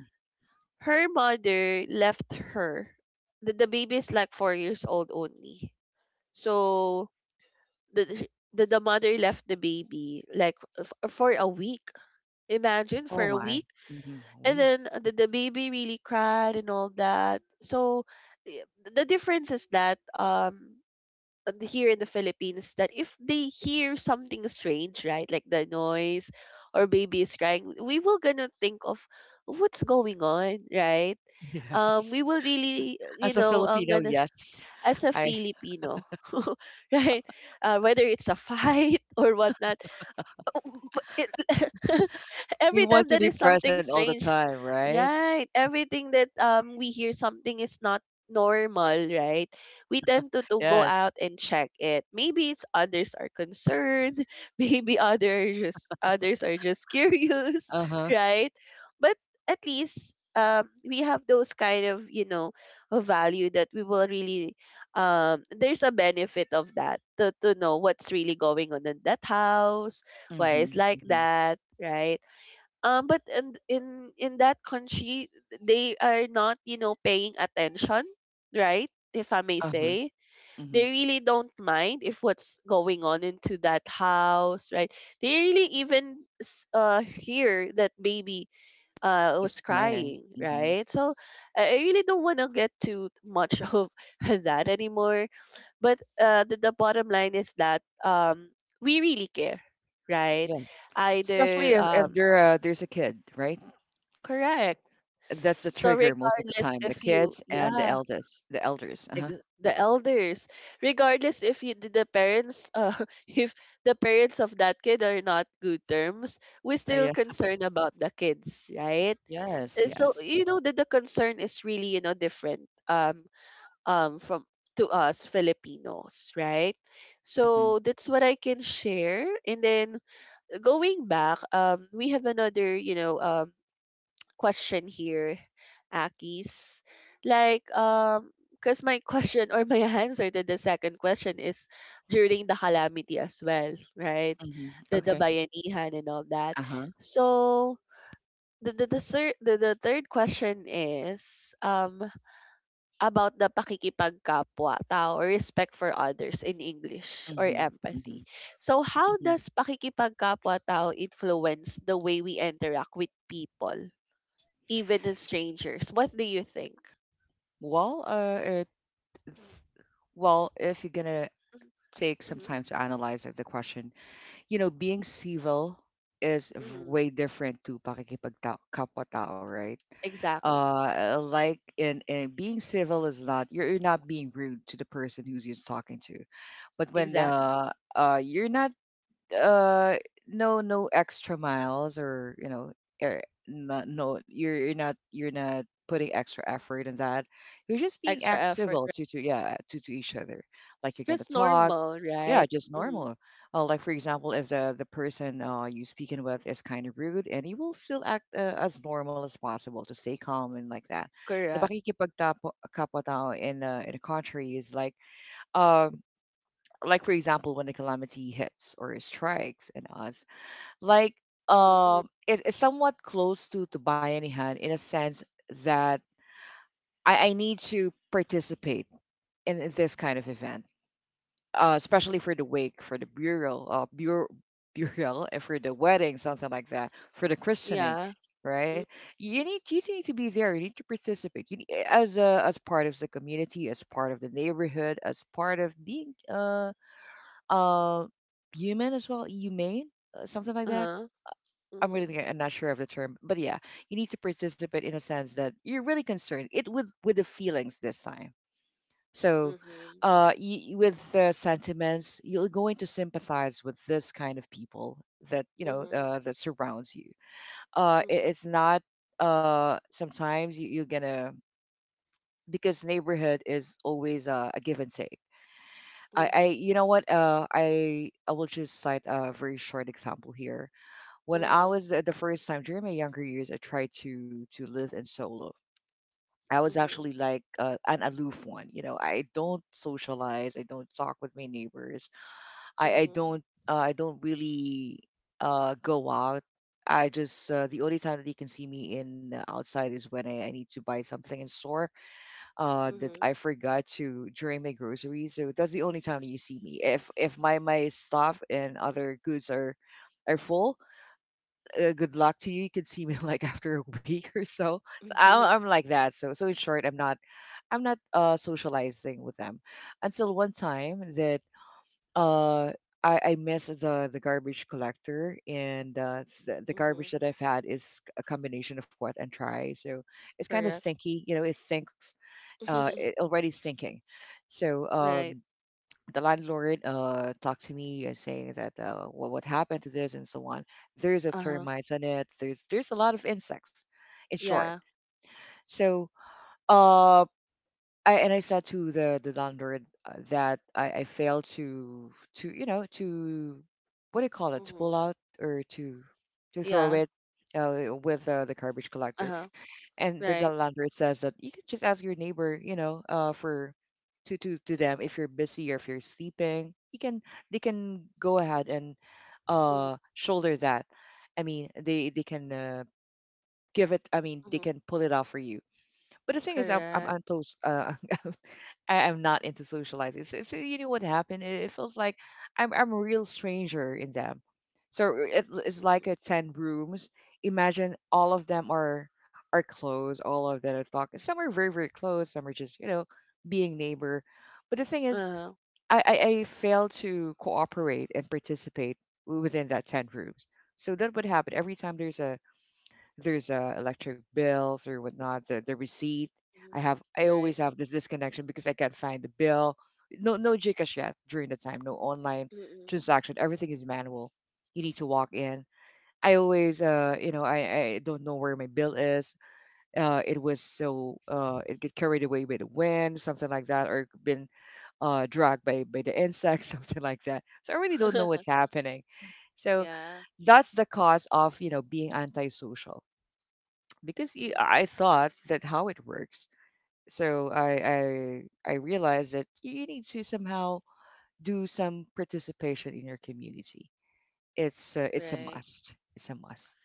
S1: her mother left her. The the baby is like four years old only. So the the the the mother left the baby like, f- for a week. Imagine for
S2: Oh
S1: a
S2: my.
S1: week.
S2: Mhm,
S1: And
S2: we.
S1: then, uh, the, the baby really cried and all that, so, y- the difference is that, um uh, here in the Philippines, that if they hear something strange, right, like the noise, or baby is crying, we will gonna think of what's going on, right? Um
S2: Yes.
S1: we will really, uh, you
S2: As a
S1: know I'm
S2: Filipino,
S1: gonna,
S2: yes.
S1: as a
S2: I
S1: Filipino, right, uh, whether it's a fight, or whatnot. It.
S2: We
S1: Every
S2: want
S1: time
S2: to
S1: there
S2: be
S1: is something
S2: present all the
S1: strange,
S2: time, right?
S1: right? Everything that, um we hear something is not normal, right? We tend to, to go
S2: Yes.
S1: out and check it. Maybe it's others are concerned, maybe others just others are just curious,
S2: Uh-huh.
S1: right? But at least, um we have those kind of, you know, of value that we will really, um there's a benefit of that to, to know what's really going on in that house
S2: Mm-hmm.
S1: place, like
S2: Mm-hmm.
S1: that, right? Um, but in, in in that country, they are not, you know paying attention, right? If I may
S2: Uh-huh.
S1: say,
S2: Mm-hmm.
S1: they really don't mind if what's going on into that house, right? They really even, s- uh hear that baby uh
S2: It's
S1: was
S2: right.
S1: crying,
S2: Mm-hmm.
S1: right? So I I really don't want to get too much of that anymore, but, uh, the, the bottom line is that, um we really care, right?
S2: Yeah. Especially
S1: Either,
S2: if, if
S1: um
S2: there uh, there's a kid, right?
S1: correct.
S2: That's the
S1: So
S2: trigger most of the
S1: regardless,
S2: time. The
S1: if you,
S2: kids and the
S1: yeah,
S2: eldest, the elders. Uh-huh.
S1: ex- the elders, regardless if you, the the parents, uh, if the parents of that kid are not good terms, we
S2: Uh,
S1: still
S2: yes.
S1: concerned about the kids, right?
S2: Yes,
S1: Uh, so
S2: yes.
S1: you know that the concern is really, you know, different, um um, from, to us Filipinos, right?
S2: Mm-hmm.
S1: So that's what I can share. And then going back, um, we have another, you know, um, question here, Akis. Like, um, because my question, or my answer to the second question is during the calamity as well, right?
S2: Mm-hmm.
S1: The the
S2: Okay.
S1: bayanihan and all that.
S2: Uh-huh.
S1: So the the the, sir, the, the third question is, um about the pakikipagkapwa-tao, or respect for others in English, or
S2: Mm-hmm. Mm-hmm.
S1: empathy. So how
S2: Mm-hmm.
S1: does pakikipagkapwa-tao influence the way we interact with people, even in strangers? What do you think?
S2: Well, uh, it Well, if you're gonna take some
S1: Mm-hmm,
S2: time to analyze it, the question, you know, being civil is v-
S1: mm-hmm.
S2: way different to pakikipagta- kapwa tao, right?
S1: Exactly.
S2: Uh, like, in, in being civil, is not, you're, you're not being rude to the person who's you're talking to, but when,
S1: Exactly.
S2: uh, uh, you're not, uh no no extra miles, or, you know er, not, no, you're, you're not you're not putting extra effort in that. You're just being
S1: Extra
S2: act
S1: effort,
S2: civil
S1: right?
S2: to to, yeah, to to each other. Like you're gonna
S1: Just
S2: talk,
S1: normal,
S2: yeah,
S1: right?
S2: just
S1: Mm-hmm.
S2: normal. Uh, like, for example, if the the person uh you speaking with is kind of rude, and you will still act, uh, as normal as possible to stay calm, and like that. The
S1: Correct.
S2: pakikipagtapo kapwa tao, in uh, in a country is like, um like, for example, when the calamity hits or strikes, and us, like,
S1: Mm-hmm.
S2: um it, it's somewhat close to to Bayanihan hand, in a sense that I, I need to participate in, in this kind of event, uh, especially for the wake, for the burial, uh, bur- burial, and for the wedding, something like that, for the christening,
S1: Yeah.
S2: right? You need, you need to be there, you need to participate, you need, as a, as part of the community, as part of the neighborhood, as part of being uh uh human, as well, humane, uh, something like that.
S1: Uh-huh.
S2: I'm
S1: Mm-hmm.
S2: really g- I'm not sure of the term, but yeah, you need to participate in a sense that you're really concerned. It with with the feelings this time. So,
S1: Mm-hmm.
S2: uh, y with the sentiments, you're going to sympathize with this kind of people that you know
S1: Mm-hmm.
S2: uh, that surrounds you. Uh, it,
S1: Mm-hmm.
S2: it's not, uh sometimes, you, you're gonna, because neighborhood is always, uh, a give and take. I, I
S1: Mm-hmm.
S2: You know what, uh I I will just cite a very short example here. When I
S1: Mm-hmm.
S2: was at the first time during my younger years, I tried to to live in solo. I was
S1: Mm-hmm.
S2: actually like, uh, an aloof one. You know, I don't socialize. I don't talk with my neighbors. I I don't uh, I don't really uh go out. I just uh, The only time that you can see me in the outside is when I, I need to buy something in store uh that
S1: Mm-hmm.
S2: I forgot to during my groceries. So that's the only time that you see me. If if my my stuff and other goods are are full, uh, good luck to you. You can see me like after a week or so. So I'm,
S1: Mhm,
S2: I'm like that. So so in short, I'm not I'm not uh, socializing with them, until one time that, uh, I, I miss the the garbage collector, and uh, the the
S1: mhm.
S2: garbage that I've had is a combination of what and try. So it's kind of
S1: Correct.
S2: stinky, you know. It sinks. Uh, it already sinking. So,
S1: Right.
S2: um, the landlord, uh, talked to me, uh, saying that, uh, what, what happened to this and so on. There's a
S1: Uh-huh.
S2: termites on it. There's there's a lot of insects, in short.
S1: Yeah.
S2: So, uh, I and I said to the the landlord, uh, that I, I failed to to, you know to, what do you call it, to pull
S1: Mhm.
S2: out, or to to throw
S1: Yeah.
S2: it, uh, with, uh, the garbage collector.
S1: Uh-huh.
S2: And the, the
S1: Right.
S2: landlord says that you could just ask your neighbor, you know uh for to to to them. If you're busy or if you're sleeping, you can they can go ahead and
S1: Mhm.
S2: uh shoulder that. I mean they they can, uh, give it, I mean they
S1: Mhm.
S2: can pull it off for you. But the thing is, i'm, I'm
S1: Correct.
S2: antos, uh, I, I'm not into socializing. So, so, you know what happened? It, it feels like I'm I'm a real stranger in them. So it, it's
S1: Mhm.
S2: like a ten rooms. Imagine, all of them are are close. All of them are talking. Some are very, very close. Some are just you know being neighbor. But the thing is,
S1: Uh-huh.
S2: I I, I fail to cooperate and participate within that ten rooms. So that would happen every time there's a there's, uh, electric bills or whatnot, the, the receipt. I
S1: Mhm.
S2: have I always
S1: Right.
S2: have this disconnection because I can't find the bill. No no Gcash yet during the time, no online
S1: Mm-mm.
S2: transaction. Everything is manual. You need to walk in. I always, uh you know I, I don't know where my bill is. Uh it was so uh It get carried away by the wind, something like that, or been uh dragged by by the insects, something like that. So I really don't know what's happening. So
S1: Yeah.
S2: that's the cause of you know being antisocial, because y-
S1: Mm,
S2: I thought that how it works. So
S1: mhm.
S2: I I I realized that you need to somehow do some participation in your community. It's uh, it's a
S1: Right.
S2: must. It's a must.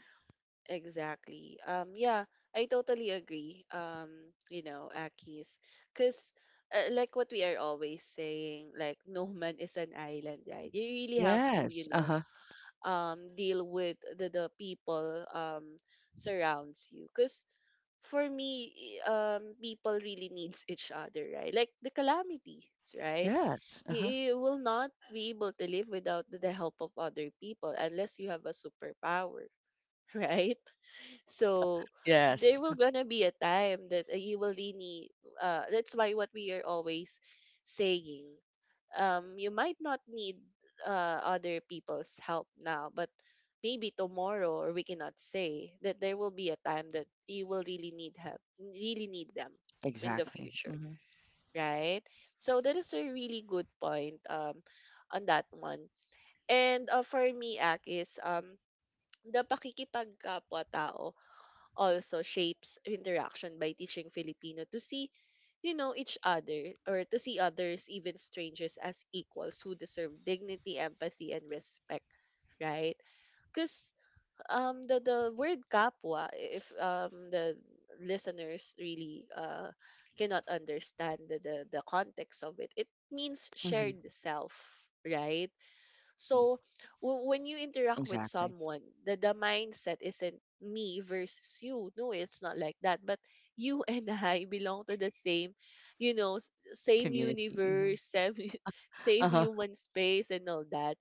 S1: Exactly. Um, yeah, I totally agree. Um, you know, Akis, because, uh, like what we are always saying, like no man is an island, right? You really have to,
S2: Yes.
S1: you
S2: Uh
S1: know,
S2: huh.
S1: um deal with the, the people um surrounds you because for me i- um people really needs each other, right? Like the calamities, right?
S2: Yes. Uh
S1: you,
S2: huh.
S1: you will not be able to live without the the help of other people unless you have a superpower. Right. So
S2: Yes.
S1: there will gonna be a time that uh, you will really uh that's why what we are always saying. Um, you might not need uh, other people's help now, but maybe tomorrow, or we cannot say that there will be a time that you will really need help, really need them in the
S2: Exactly.
S1: future,
S2: Hmm.
S1: right? So that is a really good point um, on that one. And uh, for me, Ak, is um, the pakikipagkapwa-tao also shapes interaction by teaching Filipino to see, you know, each other, or to see others, even strangers, as equals who deserve dignity, empathy, and respect, right? Because um, the, the word kapwa, if um, the listeners really uh, cannot understand the, the, the context of it, it means
S2: Hmm.
S1: shared self, right? So w- when you interact with
S2: Exactly.
S1: someone, the, the mindset isn't me versus you. No, it's not like that. But you and I belong to the same, you know, s- same
S2: Community. Hmm.
S1: universe, same, same
S2: Uh huh.
S1: human space and all that.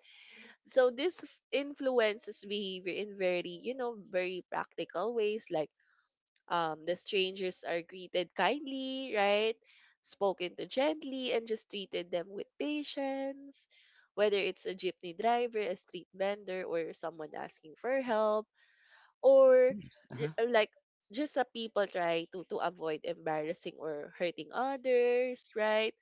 S1: So this f- influences behavior in very, you know, very practical ways, like um, the strangers are greeted kindly, right? Spoken to gently and just treated them with patience. Whether it's a jeepney driver, a street vendor, or someone asking for help, or
S2: Yes. Uh huh.
S1: r- like just a people try to to avoid embarrassing or hurting others, right?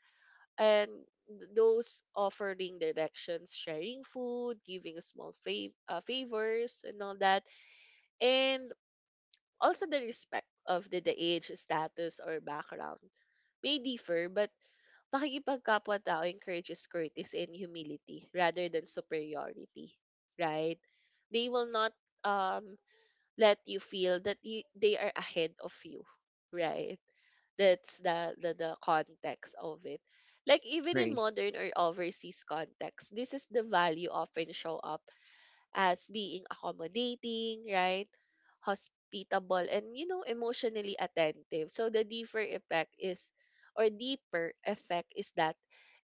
S1: And th- those offering directions, sharing food, giving small fav- uh, favors, and all that. And also, the respect of the, the age, status, or background may differ, but pakikipagkapwa-tao encourages courtesy and humility rather than superiority, right? They will not um let you feel that you, they are ahead of you, right? That's the, the the context of it. Like even in
S2: Agree.
S1: modern or overseas context, this is the value often show up as being accommodating, right? Hospitable and, you know, emotionally attentive. So the deeper effect is or deeper effect is that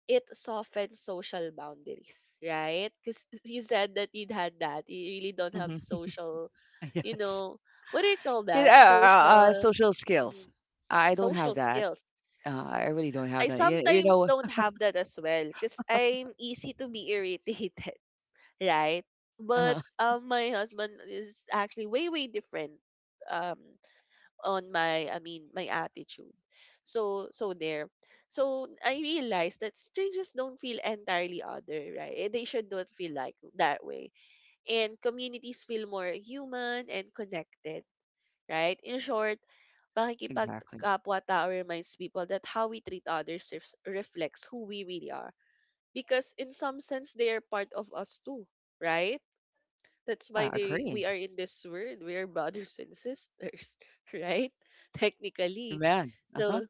S1: it softens social boundaries, right? Because you said that you'd had that. You really don't have
S2: Hmm.
S1: social, you
S2: Yes.
S1: know, what do you call
S2: 'Cause, Uh,
S1: that?
S2: uh, uh,
S1: Social
S2: social skills.
S1: mm,
S2: I don't have
S1: social
S2: that.
S1: skills.
S2: Uh, I really don't have
S1: I
S2: that. You, you
S1: sometimes
S2: know.
S1: don't have that as well because I'm easy to be irritated, right? But
S2: Uh-huh.
S1: um, my husband is actually way way different um on my, I mean, my attitude. So so there. So I realized that strangers don't feel entirely other, right? Eh, they should not feel like that way. And communities feel more human and connected, right? In short,
S2: Exactly.
S1: pakikipagkapwa-tao reminds people that how we treat others ref- reflects who we really are. Because in some sense, they are part of us too, right? That's why
S2: Yeah,
S1: they
S2: agree.
S1: we are in this world. We are brothers and sisters, right? Technically.
S2: Amen. Uh-huh.
S1: So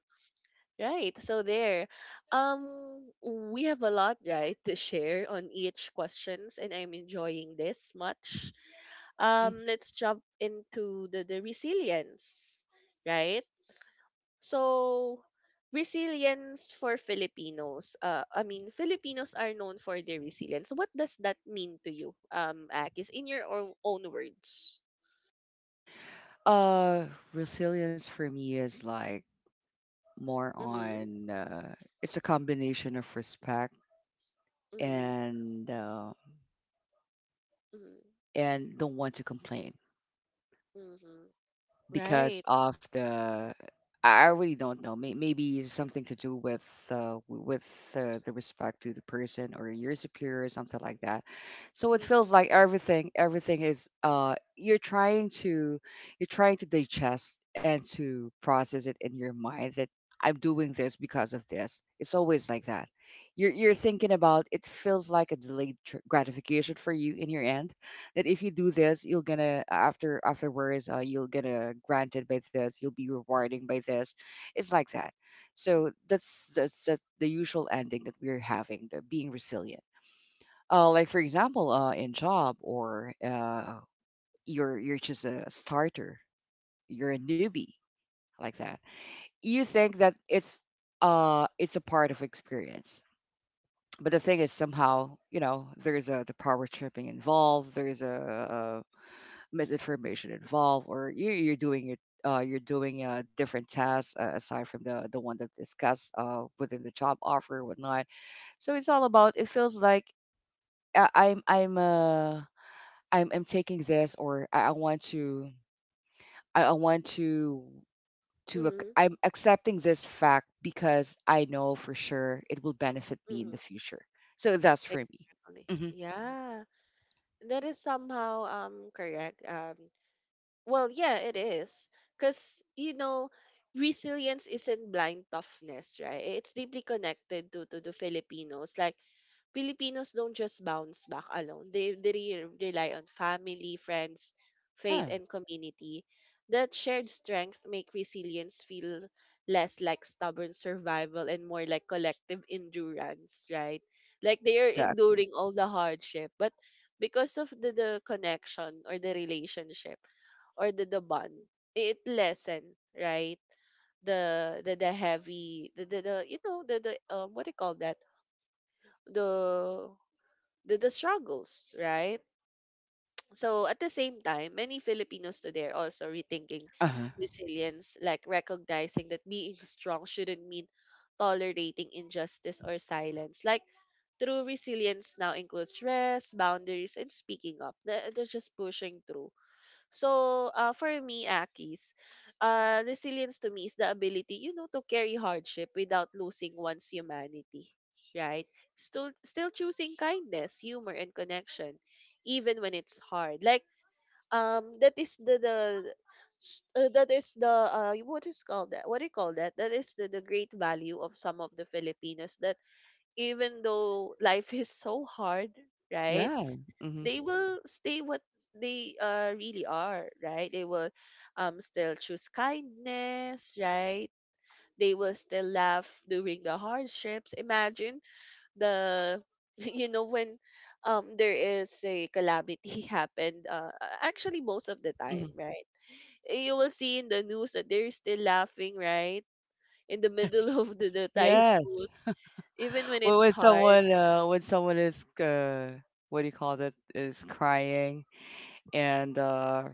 S1: right. So there. Um we have a lot, right, to share on each questions, and I'm enjoying this much.
S2: Mhm.
S1: Um let's jump into the, the resilience, right? So, resilience for Filipinos. Uh, I mean, Filipinos are known for their resilience. What does that mean to you, um, Akis, in your own, own words?
S2: Uh, Resilience for me is like more
S1: Mm-hmm.
S2: on, uh, it's a combination of respect,
S1: Mm-hmm.
S2: and, uh,
S1: Mm-hmm.
S2: and don't want to complain.
S1: Mm-hmm.
S2: Because
S1: Right.
S2: of the I I really don't know. May, maybe it's something to do with uh, w- with uh, the respect to the person or your superior or something like that. So it feels
S1: Mm-hmm.
S2: like everything everything is uh you're trying to you're trying to digest and to process it in your mind that I'm doing this because of this. It's always like that. You're you're thinking about it feels like a delayed tr- gratification for you in your end that if you do this, you'll gonna after afterwards, uh, you'll gonna granted by this, you'll be rewarding by this. It's like that. So that's that's, that's the usual ending that we're having, the being resilient. Uh, like for example, uh, in job or uh, you're you're just a starter, you're a newbie, like that. You think that it's uh it's a part of experience, but the thing is, somehow, you know, there's a the power tripping involved, there's a misinformation involved, or you're, you're doing it. Uh, you're doing uh, different tasks uh, aside from the the one that discussed uh, within the job offer, or whatnot. So it's all about, it feels like I, I'm I'm uh I'm I'm taking this, or I, I want to I, I want to to ac-
S1: Mm-hmm.
S2: I'm accepting this fact because I know for sure it will benefit me in
S1: Mm-hmm.
S2: the future. So that's for me.
S1: Exactly.
S2: Hmm.
S1: Yeah. That is somehow um correct. Um Well, yeah, it is. Because, you know, resilience isn't blind toughness, right? It's deeply connected to, to the Filipinos. Like, Filipinos don't just bounce back alone. They, they re- rely on family, friends, faith,
S2: Yeah,
S1: and community. That shared strength make resilience feel less like stubborn survival and more like collective endurance, right? Like they are
S2: exactly.
S1: enduring all the hardship, but because of the, the connection or the relationship, or the, the bond, it lessen, right, the the the heavy the the, the you know the the um, what do you call that, the the, the struggles, right? So at the same time, many Filipinos today are also rethinking
S2: Uh huh.
S1: resilience, like recognizing that being strong shouldn't mean tolerating injustice or silence. Like, true resilience now includes rest, boundaries, and speaking up. Th- They're just pushing through. So, uh, for me, Akis, uh, resilience to me is the ability, you know, to carry hardship without losing one's humanity, right? Still, still choosing kindness, humor, and connection, even when it's hard. Like, um, that is the the s- uh, that is the uh, what is called that? What do you call that? That is the the great value of some of the Filipinos. That even though life is so hard, right?
S2: Yeah. Mm-hmm.
S1: They will stay what they uh, really are, right? They will um, still choose kindness, right? They will still laugh during the hardships. Imagine the, you know, when um, there is a calamity happened, uh, actually most of the time, right? Eh, you will see in the news that they're still laughing, right? In the
S2: Yes.
S1: middle of the, the
S2: Yes.
S1: typhoon, even when
S2: When
S1: it's
S2: when
S1: hard.
S2: someone uh when someone is uh what do you call that, is crying and uh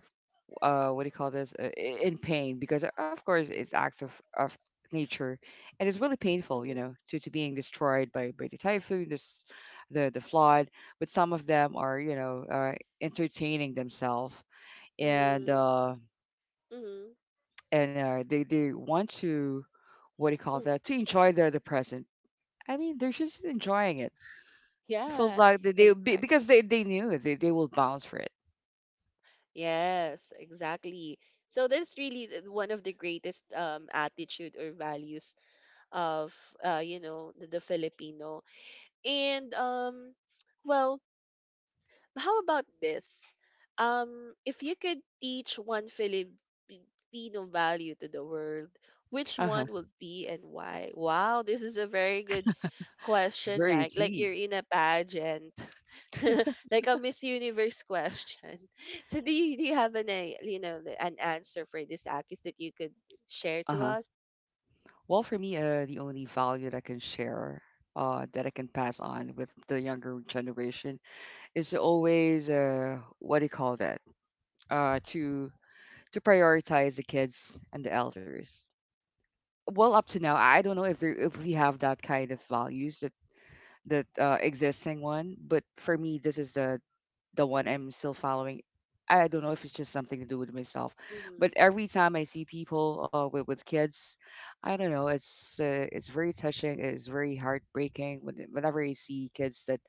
S2: uh what do you call this, uh, i- in pain because, uh, of course, it's acts of, of nature, and it's really painful, you
S1: Mm-hmm.
S2: know, to to being destroyed by, by the typhoon, this, the the flood, but some of them are, you know, uh, entertaining themselves, and uh
S1: Mm-hmm.
S2: and uh, they they want to, what do you call that, to enjoy their the present. I mean, they're just enjoying it. It feels
S1: Yeah,
S2: like they, they be- because
S1: exactly.
S2: they, they knew they, they will bounce for it.
S1: Yes, exactly. So that's really th- one of the greatest um attitude or values of uh you know, the, the Filipino. And um well, how about this? Um, if you could teach one Filipino value to the world, which
S2: Uh-huh.
S1: one would be and why? Wow, this is a very good question,
S2: Very
S1: right? Like you're
S2: deep.
S1: in a pageant, like a Miss Universe question. So do you, do you have an a, you know, the- an answer for this, Akis, that you could share to
S2: Uh-huh.
S1: us?
S2: Well, for me, uh, the only value that I can share, uh, that I can pass on with the younger generation is always, uh, what do you call that? Uh, to to prioritize the kids and the elders. Well, up to now, I don't know if there if we have that kind of values that that uh, existing one, but for me, this is the the one I'm still following. I don't know if it's just something to do with myself,
S1: Mm-hmm.
S2: but every time I see people, uh, with with kids, I don't know. It's uh, it's very touching. It's very heartbreaking when, whenever I see kids that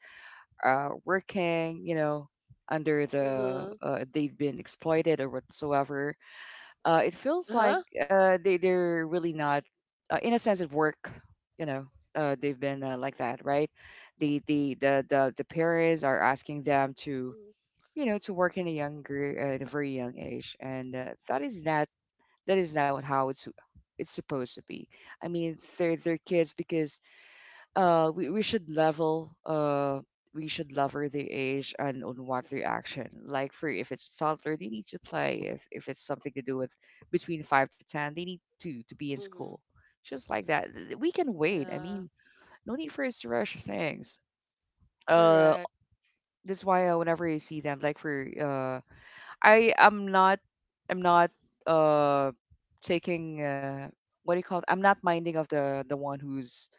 S2: are working, you know, under the,
S1: Mm-hmm.
S2: uh, they've been exploited or whatsoever. Uh, it feels like
S1: Uh-huh.
S2: uh, they they're really not, uh, in a sense, at work. You know, uh, they've been, uh, like that, right? The the the the the parents are asking them to, you know, to work in a younger, uh, at a very young age, and uh, that is not, that is not how it's it's supposed to be. I mean, they're they're kids because, uh, we we should level, uh we should level their age and on what their action. Like for, if it's toddler, they need to play. If if it's something to do with between five to ten, they need to to be in
S1: Mm-hmm.
S2: school. Just like that. Th- we can wait. I
S1: Yeah.
S2: mean, no need for us to rush things. Uh,
S1: Correct.
S2: that's why, uh, whenever you see them, like for, uh, I am not I'm not uh taking, uh what do you call it? I'm not minding of the the one who's,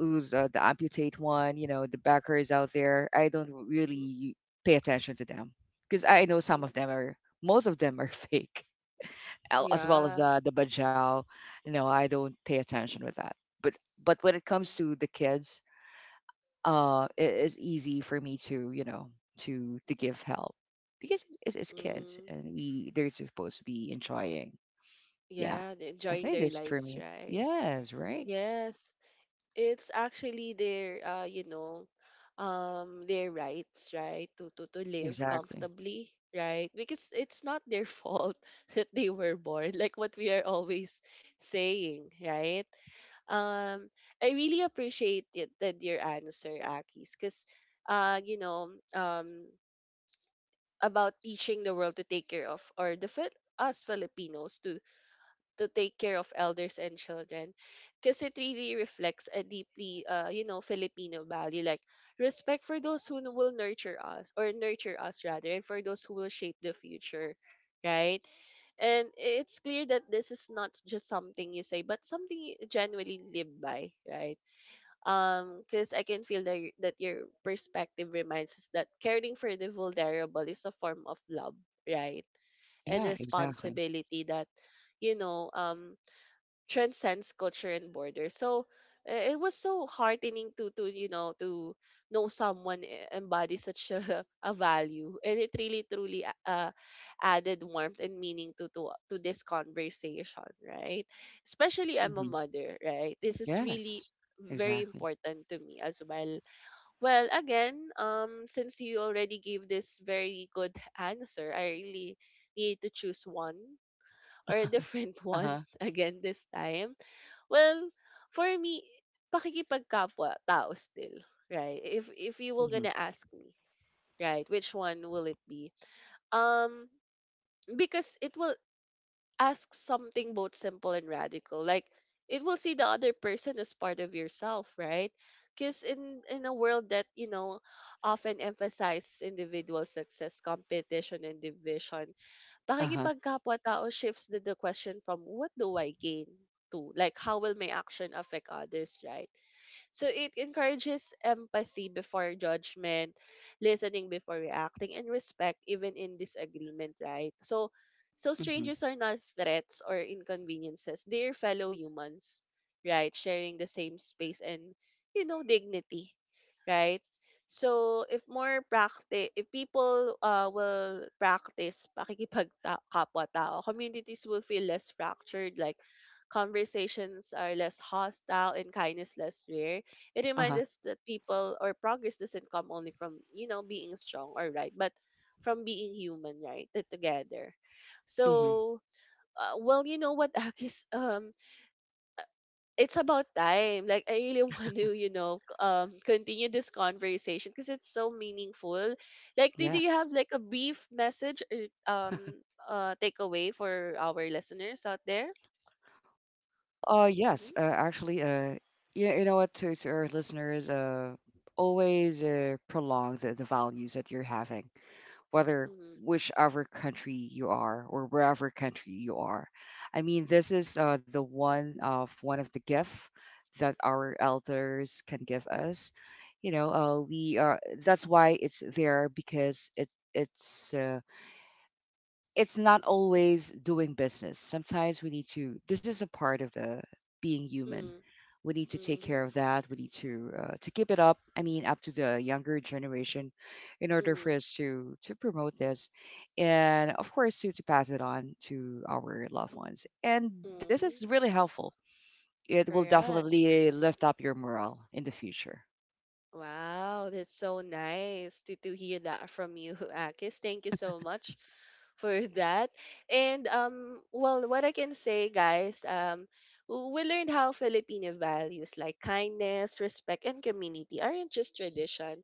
S2: who's uh, the amputate one, you know, the backers out there. I don't really pay attention to them because I know some
S1: Mm-hmm.
S2: of them are most of them are fake, al- as well as
S1: Yeah.
S2: the the bajau. You know, I don't pay attention with that. But but when it comes to the kids, uh it is easy for me to, you know, to to give help, because it's, it's kids
S1: Mm,
S2: and we they're supposed to be enjoying. Yeah,
S1: yeah, they're
S2: I
S1: enjoying
S2: think
S1: their
S2: this for me.
S1: lives, right?
S2: Yes, right.
S1: Yes, it's actually their, uh, you know, um, their rights, right, to to to live
S2: Exactly.
S1: comfortably, right? Because it's not their fault that they were born, like what we are always saying, right? Um, I really appreciate it, that your answer, Akis, because, uh, you know, um, about teaching the world to take care of or the Fil- us Filipinos to to take care of elders and children, because it really reflects a deeply uh, you know, Filipino value, like respect for those who will nurture us, or nurture us rather, and for those who will shape the future, right? And it's clear that this is not just something you say, but something you genuinely live by, right? Um because I can feel that, y- that your perspective reminds us that caring for the vulnerable is a form of love, right, and
S2: Yeah, exactly.
S1: responsibility that, you know, um transcends culture and borders. So i- it was so heartening to to you know, to know someone e- embodies such a, a value, and it really truly a- uh, added warmth and meaning to to to this conversation, right? Especially I'm a
S2: Hmm.
S1: mother, right? This is really
S2: Yes,
S1: very
S2: exactly.
S1: important to me as well. Well, again, um, since you already gave this very good answer, I really need to choose one or a different one
S2: Uh-huh.
S1: again this time. Well, for me, pakikipagkapwa-tao still, right? If if you were
S2: Hmm.
S1: gonna ask me, right, which one will it be? Um, because it will ask something both simple and radical. Like, it will see the other person as part of yourself, right? Because in in a world that, you know, often emphasizes individual success, competition, and division,
S2: Uh-huh.
S1: pakikipagkapwa-tao shifts the the question from what do I gain to, like, how will my action affect others, right? So it encourages empathy before judgment, listening before reacting, and respect even in disagreement, right? So so
S2: Hmm.
S1: strangers are not threats or inconveniences. They are fellow humans, right? Sharing the same space and, you know, dignity, right? So if more practice, if people uh, will practice pakikipagkapwa-tao, communities will feel less fractured, like conversations are less hostile and kindness less rare. It reminds
S2: Uh-huh.
S1: us that people or progress doesn't come only from, you know, being strong or right, but from being human, right? T- Together.
S2: Hmm.
S1: So, uh, well, you know what, Akis, um, it's about time. Like, I really want to, you know, c- um, continue this conversation because it's so meaningful. Like, do, do you have
S2: Yes.
S1: like a brief message or um uh takeaway for our listeners out there?
S2: Uh yes, uh,
S1: Mm-hmm.
S2: actually uh you, you know what, to to our listeners, uh always, uh, prolong the, the values that you're having, whether,
S1: Mm-hmm.
S2: whichever country you are or wherever country you are. I mean, this is, uh, the one of one of the gift that our elders can give us. You know, uh, we are. That's why it's there because it it's. Uh, it's not always doing business. Sometimes we need to, this is a part of the being human. We need to take care
S1: Mm-hmm.
S2: of that. We need to, uh, to keep it up. I mean, up to the younger generation, in order
S1: Mm-hmm.
S2: for us to to promote this, and of course to to pass it on to our loved ones. And this
S1: Mm-hmm.
S2: is really helpful. It will
S1: Correct.
S2: definitely lift up your morale in the future.
S1: Wow, that's so nice to, to hear that from you, Akis. Thank you so much for that. And um, well, what I can say, guys, um, w- we learned how Filipino values like kindness, respect, and community aren't just tradition.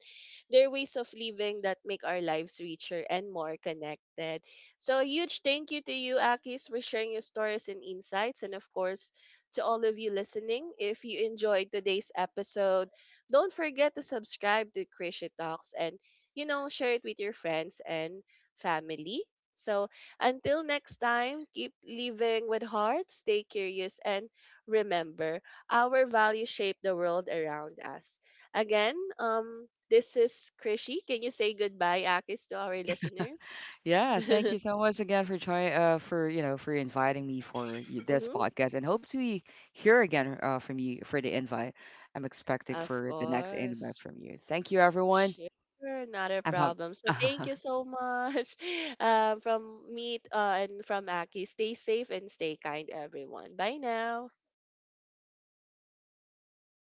S1: They're ways of living that make our lives richer and more connected. So a huge thank you to you, Akis, for sharing your stories and insights, and of course to all of you listening. If you enjoyed today's episode, don't forget to subscribe to Krishy Talks and, you know, share it with your friends and family. So until next time, keep living with heart, stay curious, and remember, our values shape the world around us. Again, um, this is Krishy. Can you say goodbye, Akis, to our listeners?
S2: Yeah, thank you so much again for trying, uh for, you know, for inviting me for y- this
S1: Hmm.
S2: podcast, and hope to hear again, uh from you, for the invite. I'm expecting
S1: Of
S2: for the next invest
S1: course.
S2: from you. Thank you, everyone.
S1: Sure, not a
S2: I'm pumped.
S1: problem. So thank you so much. Um, from me uh, and from Aki, stay safe and stay kind, everyone. Bye now.